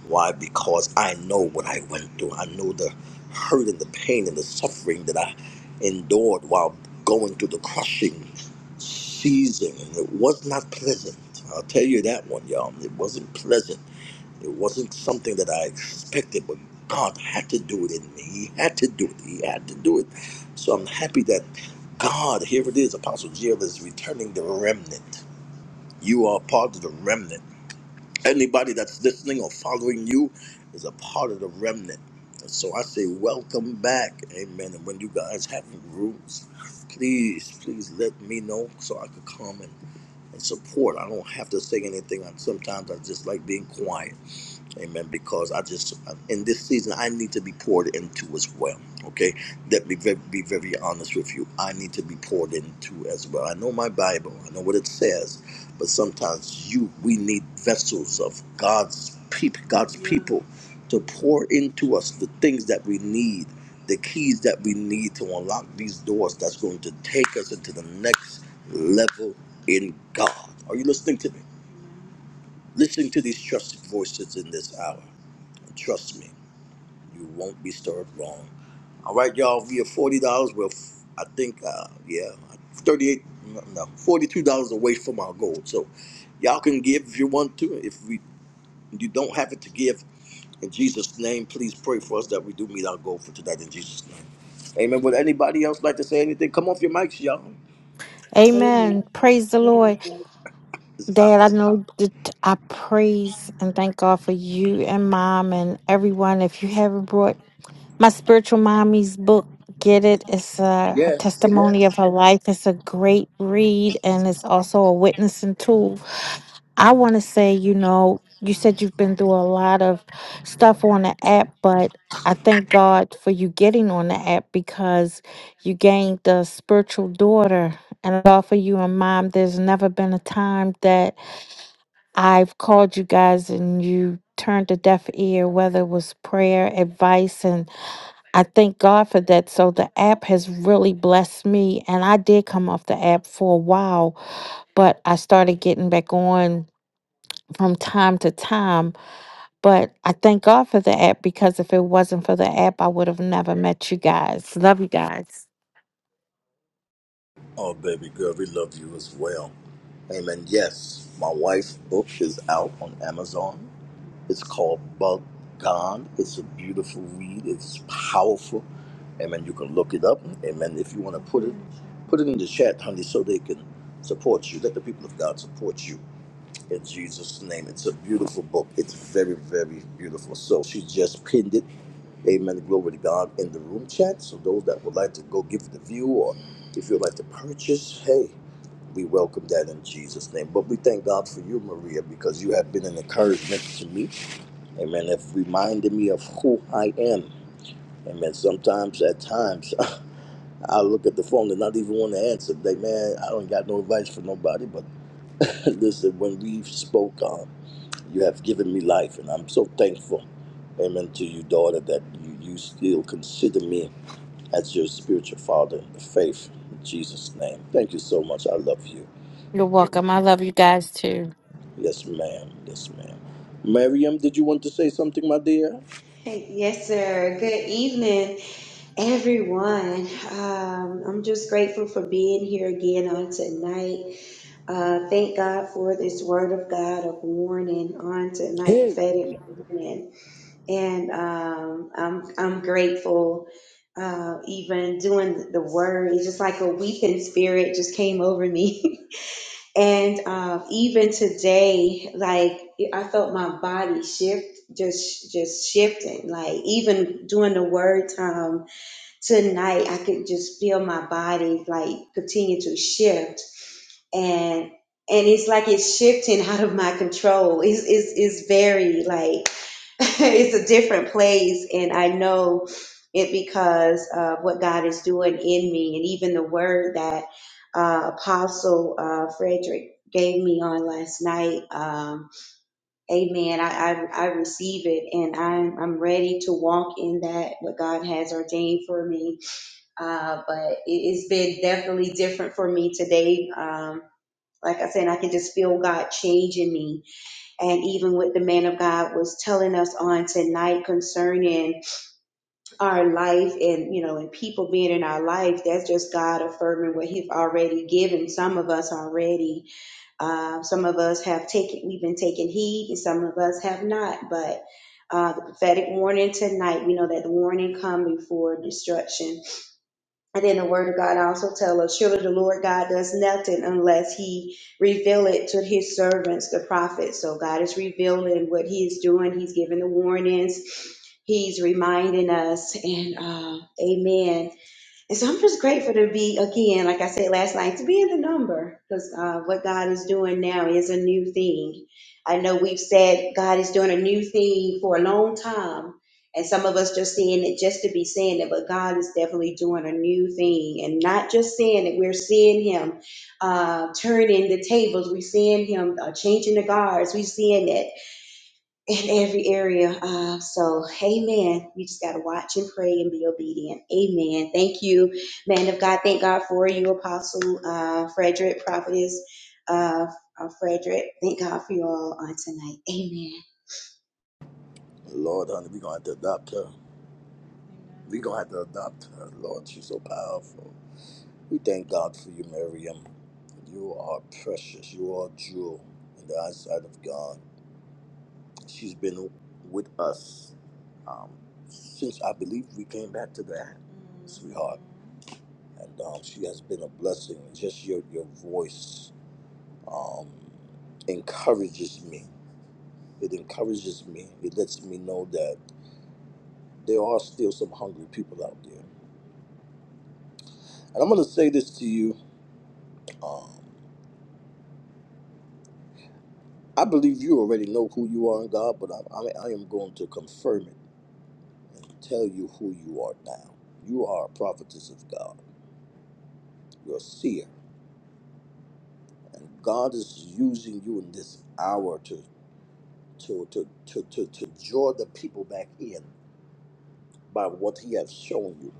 Speaker 1: Why? Because I know what I went through. I know the hurt and the pain and the suffering that I endured while going through the crushing season. And it was not pleasant. I'll tell you that one, y'all. It wasn't pleasant. It wasn't something that I expected, but God had to do it in me. He had to do it. He had to do it. So I'm happy that God, here it is, Apostle Jill is returning the remnant. You are part of the remnant Anybody that's listening or following you is a part of the remnant. And so I say, welcome back. Amen. And when you guys have rooms, please, please let me know so I could come and, and support. I don't have to say anything. I, sometimes I just like being quiet. Amen. Because I just in this season I need to be poured into as well. Okay, let me ve- be very honest with you. I need to be poured into as well. I know my Bible. I know what it says, but sometimes you we need vessels of God's people, God's people, to pour into us the things that we need, the keys that we need to unlock these doors. That's going to take us into the next level in God. Are you listening to me? Listening to these trusted voices in this hour. Trust me, you won't be served wrong. All right, y'all. We are forty dollars. We're, f- I think, uh, yeah, thirty-eight, no, no, forty-two dollars away from our goal. So, y'all can give if you want to. If we, you don't have it to give, in Jesus' name, please pray for us that we do meet our goal for tonight. In Jesus' name, Amen. Would anybody else like to say anything? Come off your mics, y'all.
Speaker 7: Amen.
Speaker 3: Amen. Praise the
Speaker 7: Amen.
Speaker 3: Lord.
Speaker 1: It's out.
Speaker 3: Dad,
Speaker 1: there.
Speaker 3: I know that I praise and thank God for you and mom and everyone. If you haven't brought my spiritual mommy's book get it it's uh, her
Speaker 1: Yes,
Speaker 3: testimony
Speaker 1: yes.
Speaker 3: of her life it's a great read and it's also a witnessing tool i want to say you know you said you've been through a lot of stuff on the app but i thank god for you getting on the app because you gained a spiritual daughter and I offer you and mom there's never been a time that I've called you guys and you turned a deaf ear, whether it was prayer, advice, and I thank God for that. So the app has really blessed me. And I did come off the app for a while, but I started getting back on from time to time. But I thank God for the app because if it wasn't for the app, I would have never met you guys. Love you guys.
Speaker 1: Oh, baby girl, we love you as well. Amen. Yes, my wife's book is out on Amazon. It's called Bhagwan. It's a beautiful weed. It's powerful. Amen. You can look it up. Amen. If you want to put it, put it in the chat, honey, so they can support you. Let the people of God support you in Jesus' name. It's a beautiful book. It's very, very beautiful. So she just pinned it. Amen. Glory to God in the room chat. So those that would like to go give it a view or if you'd like to purchase, hey, we welcome that in Jesus' name. But we thank God for you, Maria, because you have been an encouragement to me. Amen. It reminded me of who I am. Amen. Sometimes, at times, I look at the phone and not even want to answer. Like, man, I don't got no advice for nobody. But listen, when we spoke, um, you have given me life, and I'm so thankful. Amen to you, daughter, that you, you still consider me as your spiritual father in the faith. In Jesus' name. Thank you so much. I love you.
Speaker 3: You're welcome. I love you guys too.
Speaker 1: Yes, ma'am. Yes, ma'am. Miriam, did you want to say something, my dear?
Speaker 7: Hey, Yes, sir. Good evening, everyone. Um, I'm just grateful for being here again on tonight. Uh, thank God for this word of God of warning on tonight, prophetic warning. And um, I'm I'm grateful. Uh, even doing the word, it's just like a weeping spirit just came over me. And um, even today, like I felt my body shift, just just shifting. Like even during the word time tonight, I could just feel my body like continue to shift and and it's like it's shifting out of my control. It's it's, it's very like it's a different place, and I know it because of what God is doing in me, and even the word that uh, Apostle uh, Frederick gave me on last night. Um, amen. I, I I receive it, and I'm I'm ready to walk in that what God has ordained for me. Uh, but it, it's been definitely different for me today. Um, like I said, I can just feel God changing me. And even what the man of God was telling us on tonight concerning our life and, you know, and people being in our life, that's just God affirming what He's already given. Some of us already, uh, some of us have taken, we've been taking heed, and some of us have not. But uh, the prophetic warning tonight, we know that the warning come before destruction. And then the word of God also tell us, surely the Lord God does nothing unless he reveal it to his servants, the prophets. So God is revealing what he is doing. He's giving the warnings. He's reminding us. And uh, amen. And so I'm just grateful to be, again, like I said last night, to be in the number because uh, what God is doing now is a new thing. I know we've said God is doing a new thing for a long time, and some of us just saying it just to be saying it, but God is definitely doing a new thing and not just saying it. We're seeing Him uh, turning the tables, we're seeing Him uh, changing the guards, we're seeing it in every area. Uh, so, amen. You just got to watch and pray and be obedient. Amen. Thank you, man of God. Thank God for you, Apostle uh, Frederick, prophetess uh, uh, Frederick. Thank God for you all on tonight. Amen.
Speaker 1: Lord, honey, we're going to have to adopt her. We're going to have to adopt her. Lord, she's so powerful. We thank God for you, Miriam. You are precious. You are a jewel in the eyesight of God. She's been with us um, since I believe we came back to that, sweetheart. And um, she has been a blessing. Just your, your voice um, encourages me. It encourages me. It lets me know that there are still some hungry people out there. And I'm going to say this to you. Um, I believe you already know who you are in God, but I, I, I am going to confirm it and tell you who you are now. You are a prophetess of God. You're a seer. And God is using you in this hour to, to, to, to, to, to draw the people back in by what he has shown you.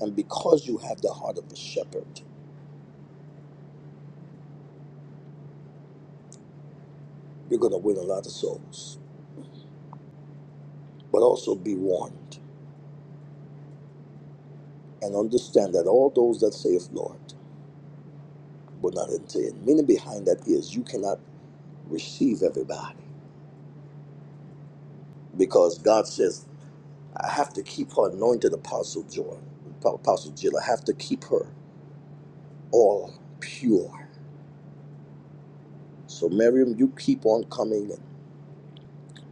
Speaker 1: And because you have the heart of a shepherd, you're going to win a lot of souls. But also be warned and understand that all those that saith Lord, but not into it. Meaning behind that is you cannot receive everybody because God says, I have to keep her anointed apostle Joy, apostle Jill. I have to keep her all pure. So Miriam, you keep on coming and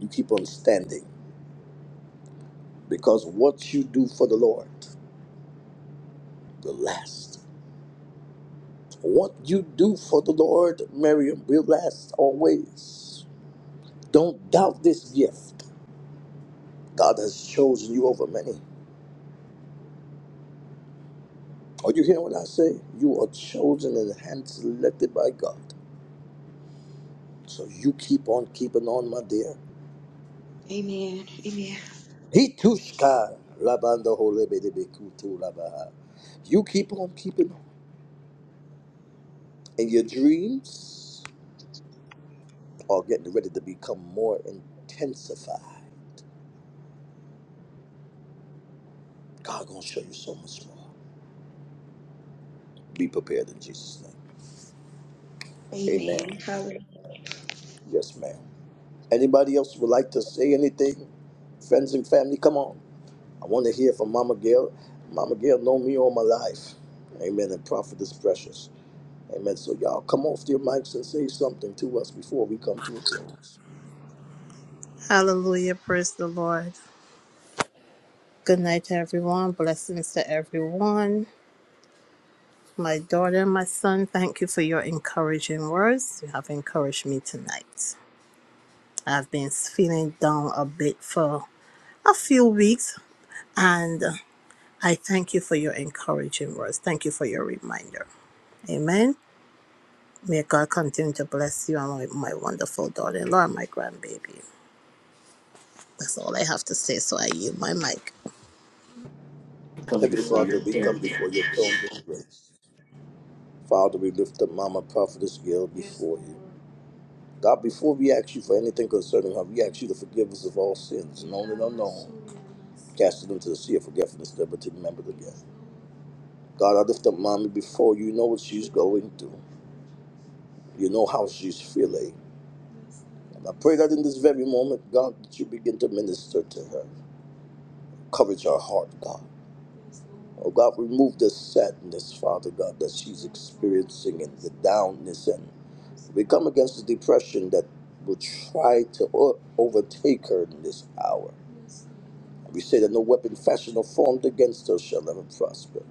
Speaker 1: you keep on standing because what you do for the Lord will last. What you do for the Lord, Miriam, will last always. Don't doubt this gift. God has chosen you over many. Are you hearing what I say? You are chosen and hand selected by God. So you keep on keeping on, my dear.
Speaker 7: Amen. Amen.
Speaker 1: Hitushka labanda holebedebekutu labaha. You keep on keeping on. And your dreams are getting ready to become more intensified. God gonna show you so much more. Be prepared in Jesus' name. Amen.
Speaker 7: Amen. Hallelujah.
Speaker 1: Yes, ma'am. Anybody else would like to say anything? Friends and family, come on. I want to hear from Mama Gail. Mama Gail know me all my life. Amen. And prophet is precious. Amen. So y'all come off your mics and say something to us before we come to a close.
Speaker 2: Come
Speaker 1: Heavenly
Speaker 2: before
Speaker 1: Father, we come before
Speaker 2: you.
Speaker 1: your throne this grace. Father, we lift up Mama Prophetess Gail before you. God, before we ask you for anything concerning her, we ask you to forgive us of all sins, known and unknown. Cast it into the sea of forgetfulness, never to remember it again. God, I lift up Mommy before you. You know what she's going through. You know how she's feeling. I pray that in this very moment, God, that you begin to minister to her. Courage her heart, God. Oh God, remove the sadness, Father God, that she's experiencing and the downness. And we come against the depression that will try to o- overtake her in this hour. We say that no weapon fashioned or formed against her shall ever prosper.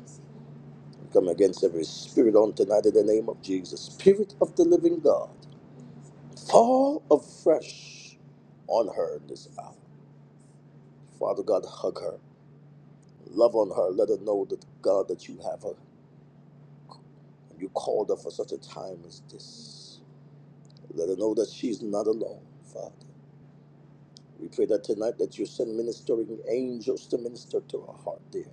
Speaker 1: We come against every spirit on tonight in the name of Jesus. Spirit of the living God, fall afresh on her in this hour. Father God, hug her. Love on her. Let her know that God that you have her. You called her for such a time as this. Let her know that she's not alone, Father. We pray that tonight that you send ministering angels to minister to her heart, dear.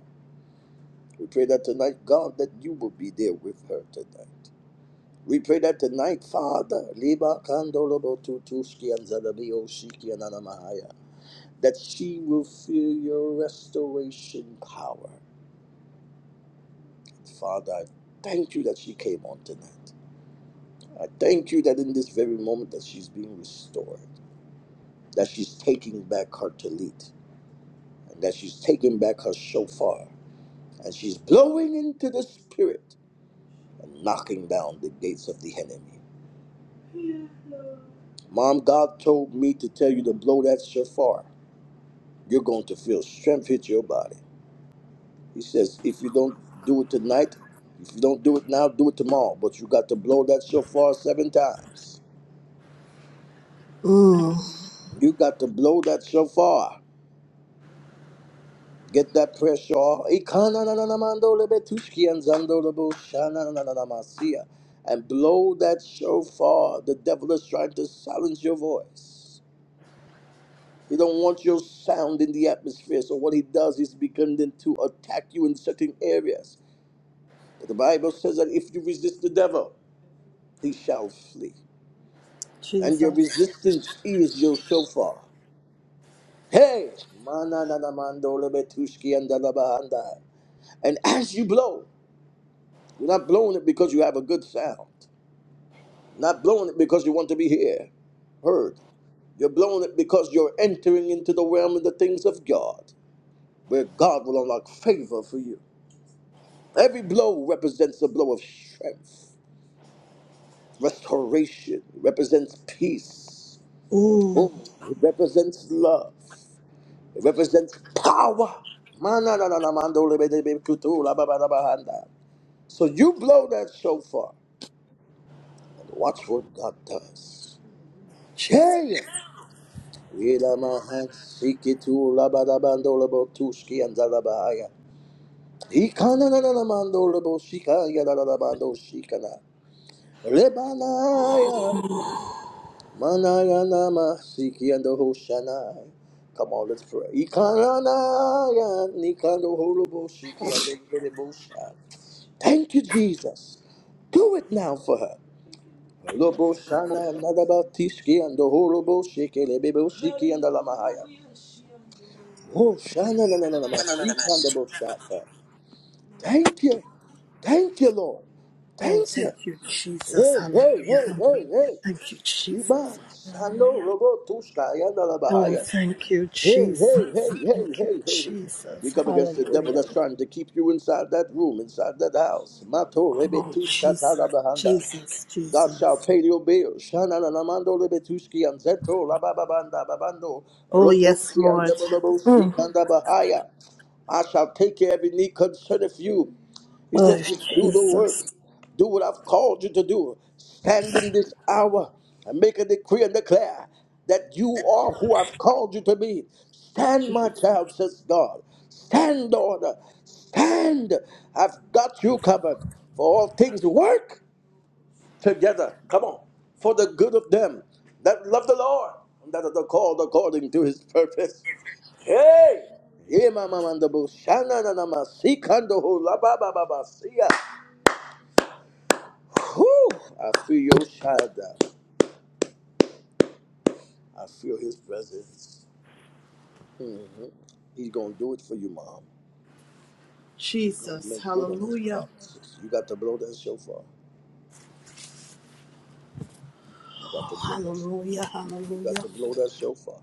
Speaker 1: We pray that tonight, God, that you will be there with her tonight. We pray that tonight, Father, Liba Kandolobo Tutuski and Zalabio Shiki and Anamahaya, that she will feel your restoration power. Father, I thank you that she came on tonight. I thank you that in this very moment that she's being restored, that she's taking back her talit, and that she's taking back her shofar, and she's blowing into the spirit and knocking down the gates of the enemy. Mom, God told me to tell you to blow that shofar. You're going to feel strength hit your body. He says, if you don't do it tonight, if you don't do it now, do it tomorrow. But you got to blow that shofar seven times. You got to blow that shofar Get that pressure off. Ikanananamandolebetushki and zandolebo shananananamasia. And blow that shofar. The devil is trying to silence your voice. He don't want your sound in the atmosphere. So what he does is begin then to attack you in certain areas. But the Bible says that if you resist the devil, he shall flee. And your resistance is your shofar. Hey! Manananamandolebetushki and dalabahanda. And as you blow, You're not blowing it because you have a good sound. Not blowing it because you want to be here, heard. You're blowing it because you're entering into the realm of the things of God, where God will unlock favor for you. Every blow represents a blow of strength. Restoration represents peace. Oh, it represents love. It represents power. So you blow that shofar and watch what God does. Hey! Ilamahat sikitu labadabandolabo tuski and dalabahaya. Ikananamandolabo shika yadalabando shikana. Lebanaya manaya nama siki and the hoshanai. Come on, let's pray. Ikananaya nikando holobo shiki and the delebo Thank you, Jesus. Do it now for her. Lobo shana nadabatiski and the horobo shiki lebebo shiki and the lamahaya. Oh shana na na na na and the boshata. Thank you. Thank you, Lord. Thank you. Hey, hey, hey, hey, hey. Iba sando robo tushka and the labahaya. Hey, hey, hey, hey, hey, hey. hey. We come against the devil that's trying to keep you inside that room, inside that house. Mato rebe tushka talabahanda. God shall pay your bills. Shana na namando lebetuski and zeto la bababanda babando loposki and debodobo sikanda bahaya. I shall take care of every need concerneth you. He says, just do the work. Do what I've called you to do. Stand in this hour and make a decree and declare that you are who I've called you to be. Stand, my child, says God. Stand, daughter. Stand. I've got you covered. For all things work together. Come on. For the good of them that love the Lord, and that are called according to his purpose. Hey! Yeah, mama, manda, bo, shana, na, na, ma, si, kando, ho, la, ba, ba, ba, ba, si, ya. Whew! I feel your shadow. I feel his presence. hmm He's going to do it for you, mom. He's going to make good on his promises. You got to blow that shofar. You got to blow that shofar. You got to blow that shofar.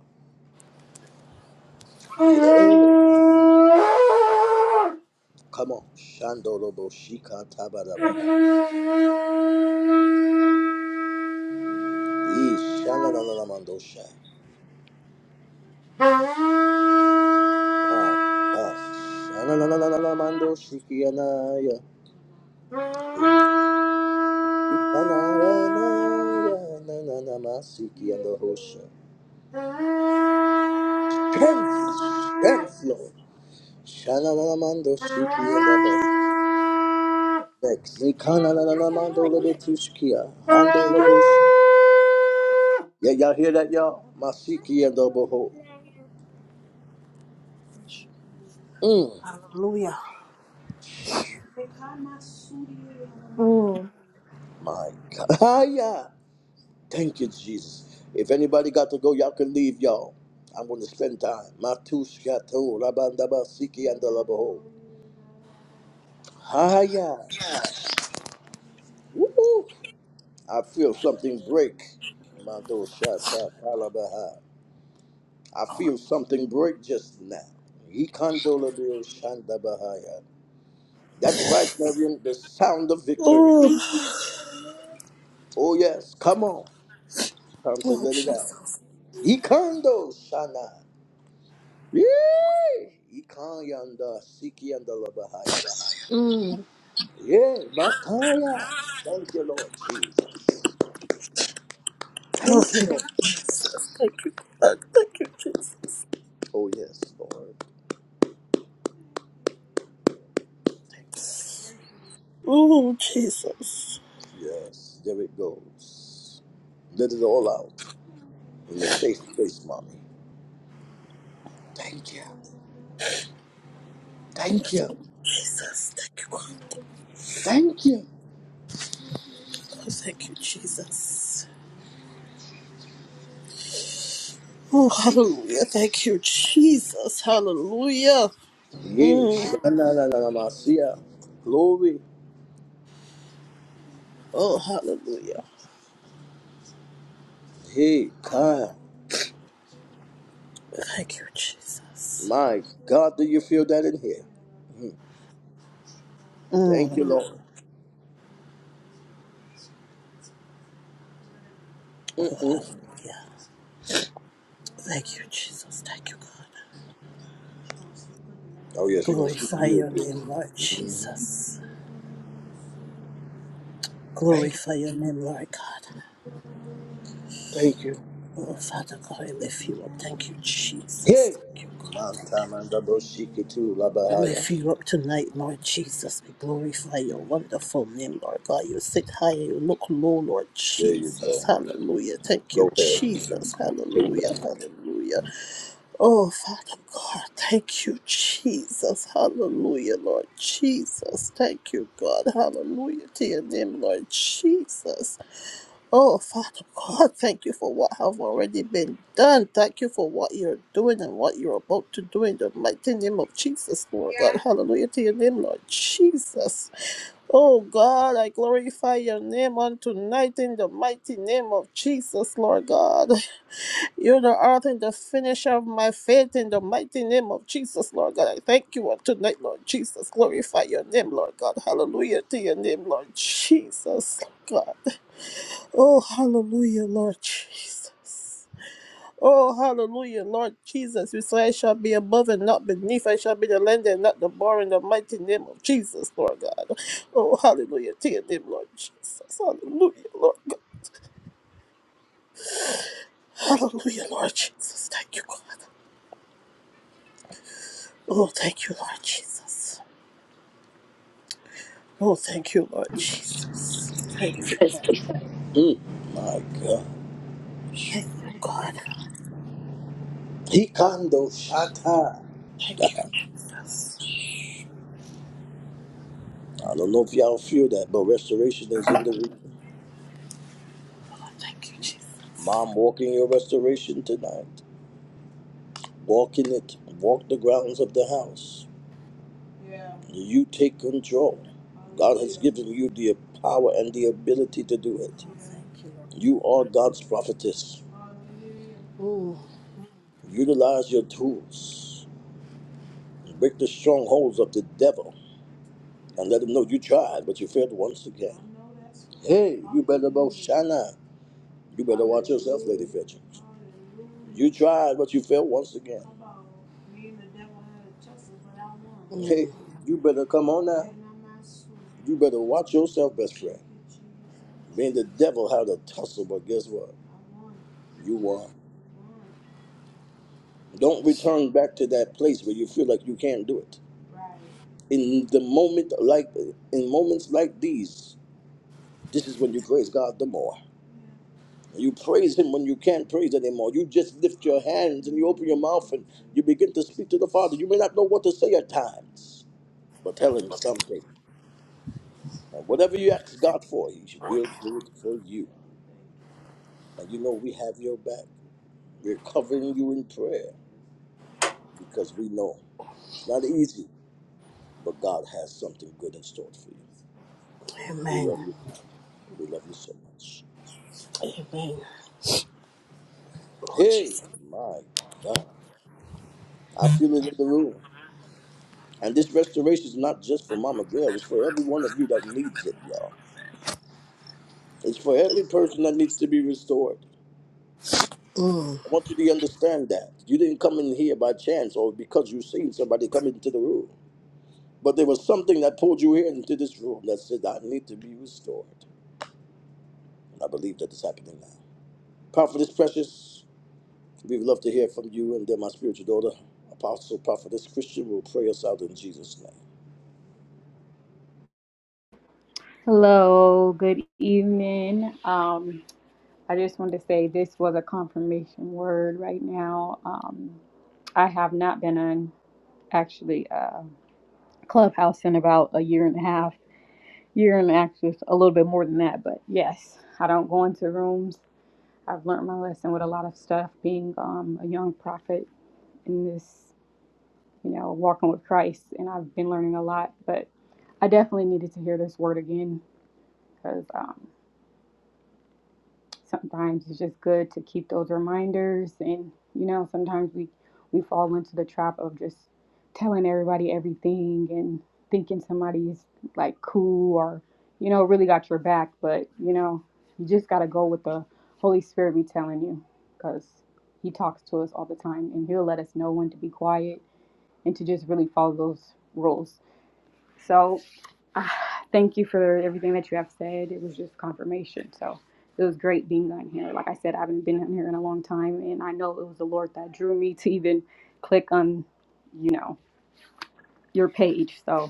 Speaker 1: Yeah.
Speaker 8: Not a
Speaker 1: Come on. Shandorobo Shika Tabarabaha. Ish, sha-la-la-la-la-mandosha. Ah, ah. Sha-la-la-la-la-la-mandoshikiyanaya. Na-na-na-na-na-na-na-masikiyanahosha. Strength, strength, Lord. Sha-la-la-la-mandoshikiyanaba. Next.
Speaker 8: voice.
Speaker 1: Zikana-la-la-la-mandolabetushkiya. Handolabosha. Yeah, y'all hear that, y'all? Masikiyandaboho. Mm, my God. Ah, yeah. Thank you, Jesus. If anybody got to go, y'all can leave, y'all. I'm going to spend time. Matushkato, rabandaba, siki, and dalabaho. Haya. Woo-hoo. I feel something break. Mando shata palabaha. I feel something break just now. Ikandolabio shandabahaya. That's right, Marion. The sound of victory. Oh, yes. Come on. Time to let it out. Ikando shana. Yee! Ikayanda sikianda labahaya. Yeah, Makaya. Thank you, Lord Jesus. Thank you, Lord. Oh, yes, Lord. Yes, there it goes. Let it all out in the safe place, mommy. Thank you. Thank you. Thank you. Yes. Shanananamasia. Glory. Hey, Kaya. My God, do you feel that in here? Mm. Thank you, Lord. Mm-mm. Oh yeah, she gonna sleep real good. hmm Thank you, thank you. Yeah. Montana double shiki too, La Bahia. There you go. Go ahead. Take that.
Speaker 8: The number of people. Hallelujah. Tear them, Lord.
Speaker 1: Mm. My God. Hikando Shata. I don't know if y'all feel that, but restoration is in the room. Mom walking your restoration tonight. Walk in it. Walk the grounds of the house. You take control. God has given you the power and the ability to do it. You are God's prophetess. Utilize your tools. Break the strongholds of the devil and let him know you tried, but you failed once again. Hey, you better go shine. You better watch yourself, Lady Fetchings. You tried, but you failed once again. Hey, you better come on now. You better watch yourself, best friend. Me and the devil had a tussle, but guess what? You won. Don't return back to that place where you feel like you can't do it. In the moment like in moments like these, this is when you praise God the more. You praise Him when you can't praise anymore. You just lift your hands and you open your mouth and you begin to speak to the Father. You may not know what to say at times, but tell Him something. And whatever you ask God for, He will do it for you. And you know we have your back. We're covering you in prayer because we know it's not easy, but God has something good in store for you. We love you, Father. We love you so much. Hey, my God. I feel it in the room. And this restoration is not just for Mama Gail, it's for every one of you that needs it, y'all. It's for every person that needs to be restored. I want you to understand that. You didn't come in here by chance or because you seen somebody come into the room. But there was something that pulled you here into this room that said, I need to be restored. And I believe that is happening now. Prophetess Precious, we'd love to hear from you and then my spiritual daughter, Apostle Prophetess Christian, will pray us out in Jesus' name.
Speaker 4: Hello, good evening. Um, I just wanted to say this was a confirmation word right now. Um, I have not been on actually uh, Clubhouse in about a year and a half, year and actually a little bit more than that. But yes, I don't go into rooms. I've learned my lesson with a lot of stuff being um, a young prophet in this. you know, walking with Christ, and I've been learning a lot. But I definitely needed to hear this word again because um, sometimes it's just good to keep those reminders, and you know, sometimes we we fall into the trap of just telling everybody everything and thinking somebody's like cool or you know really got your back, but you know, you just gotta go with the Holy Spirit be telling you because He talks to us all the time, and He'll let us know when to be quiet and to just really follow those rules So ah, thank you for everything that you have said. It was just confirmation. So it was great being on here. Like I said, I haven't been on here in a long time, and I know it was the Lord that drew me to even click on, you know, your page. So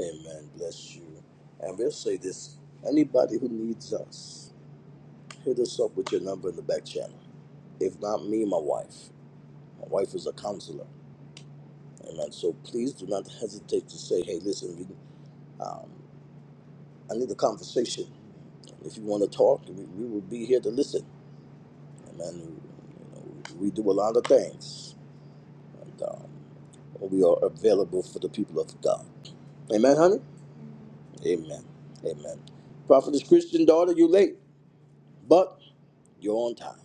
Speaker 1: Amen. Bless you. And we'll say this anybody who needs us, hit us up with your number in the back channel. If not me, my wife. My wife is a counselor. Amen. So please do not hesitate to say, hey, listen, we, um, I need a conversation. If you want to talk, we, we will be here to listen. Amen. You know, we do a lot of things. And um, we are available for the people of God. Amen, honey? Amen. Amen. Prophetess Christian daughter, you late, but you're on time.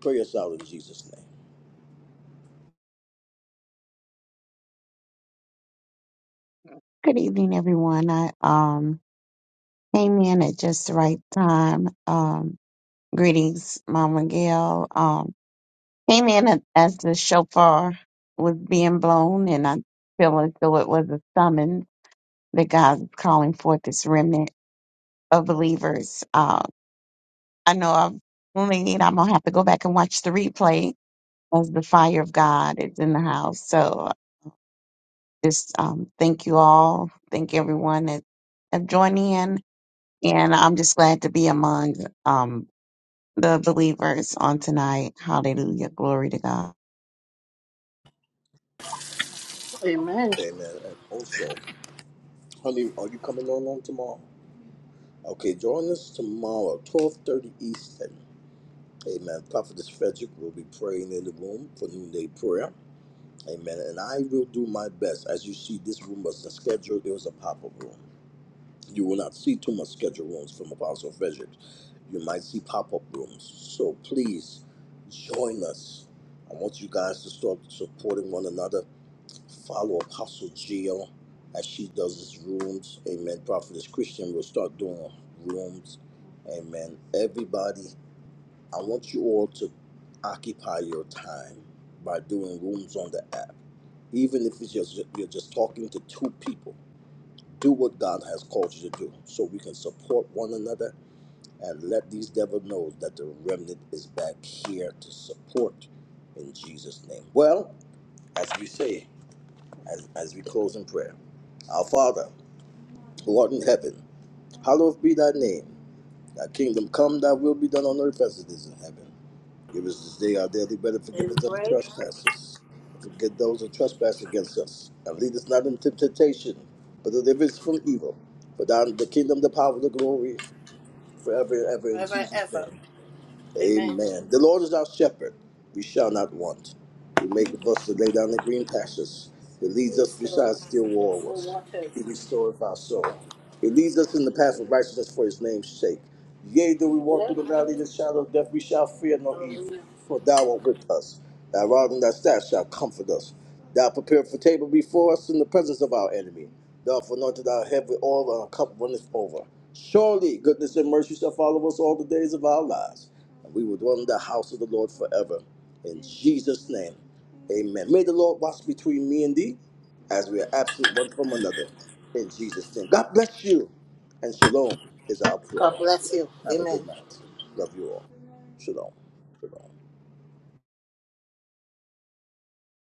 Speaker 1: Pray us out in Jesus' name.
Speaker 9: Good evening, everyone. I um came in at just the right time. Um, greetings, Mama Gail. Um, came in at, as the shofar was being blown, and I feel as though it was a summons that God is calling forth this remnant of believers. Uh, I know I've only I'm gonna have to go back and watch the replay as the fire of God is in the house. So just um, thank you all. Thank everyone that have joined in. And I'm just glad to be among um, the believers on tonight. Hallelujah. Glory to God.
Speaker 1: Amen. And also, Honey, are you coming on on tomorrow? Okay, join us tomorrow, 12.30 Eastern. Amen. Prophetess Frederick will be praying in the room for noonday prayer. Amen. And I will do my best. As you see, this room was a scheduled. It was a pop-up room. You will not see too much scheduled rooms from Apostle Frederick. You might see pop-up rooms. So please join us. I want you guys to start supporting one another. Follow Apostle Jill as she does his rooms. Amen. Prophetess Christian will start doing rooms. Amen. Everybody, I want you all to occupy your time by doing rooms on the app. Even if it's just you're just talking to two people, do what God has called you to do so we can support one another and let these devil know that the remnant is back here to support in Jesus' name. Well, as we say, as, as we close in prayer. Our Father, who art in heaven, hallowed be thy name. Thy kingdom come, thy will be done on earth as it is in heaven. Give us this day our daily bread and forgive us our trespasses. and Forgive those who trespass against us. And lead us not into temptation, but deliver us from evil. For thine is the kingdom, the power, the glory, forever and ever in Jesus' name. Amen. The Lord is our shepherd. We shall not want. He maketh us to lay down in green pastures. He leads us beside still waters. He restoreth our soul. He leads us in the path of righteousness for his name's sake. Yea, though we walk through the valley of the shadow of death, we shall fear no evil. For thou art with us. Thy rod and thy staff shall comfort us. Thou preparest a table before us in the presence of our enemy. Thou hast anointed our head with oil, and our cup runneth over. Surely goodness and mercy shall follow us all the days of our lives and we will dwell in the house of the Lord forever. In Jesus' name, amen. May the Lord watch between me and thee as we are absent one from another. In Jesus' name. God bless you, and shalom is our prayer. Have a good night. Love you all. Shalom. Shalom.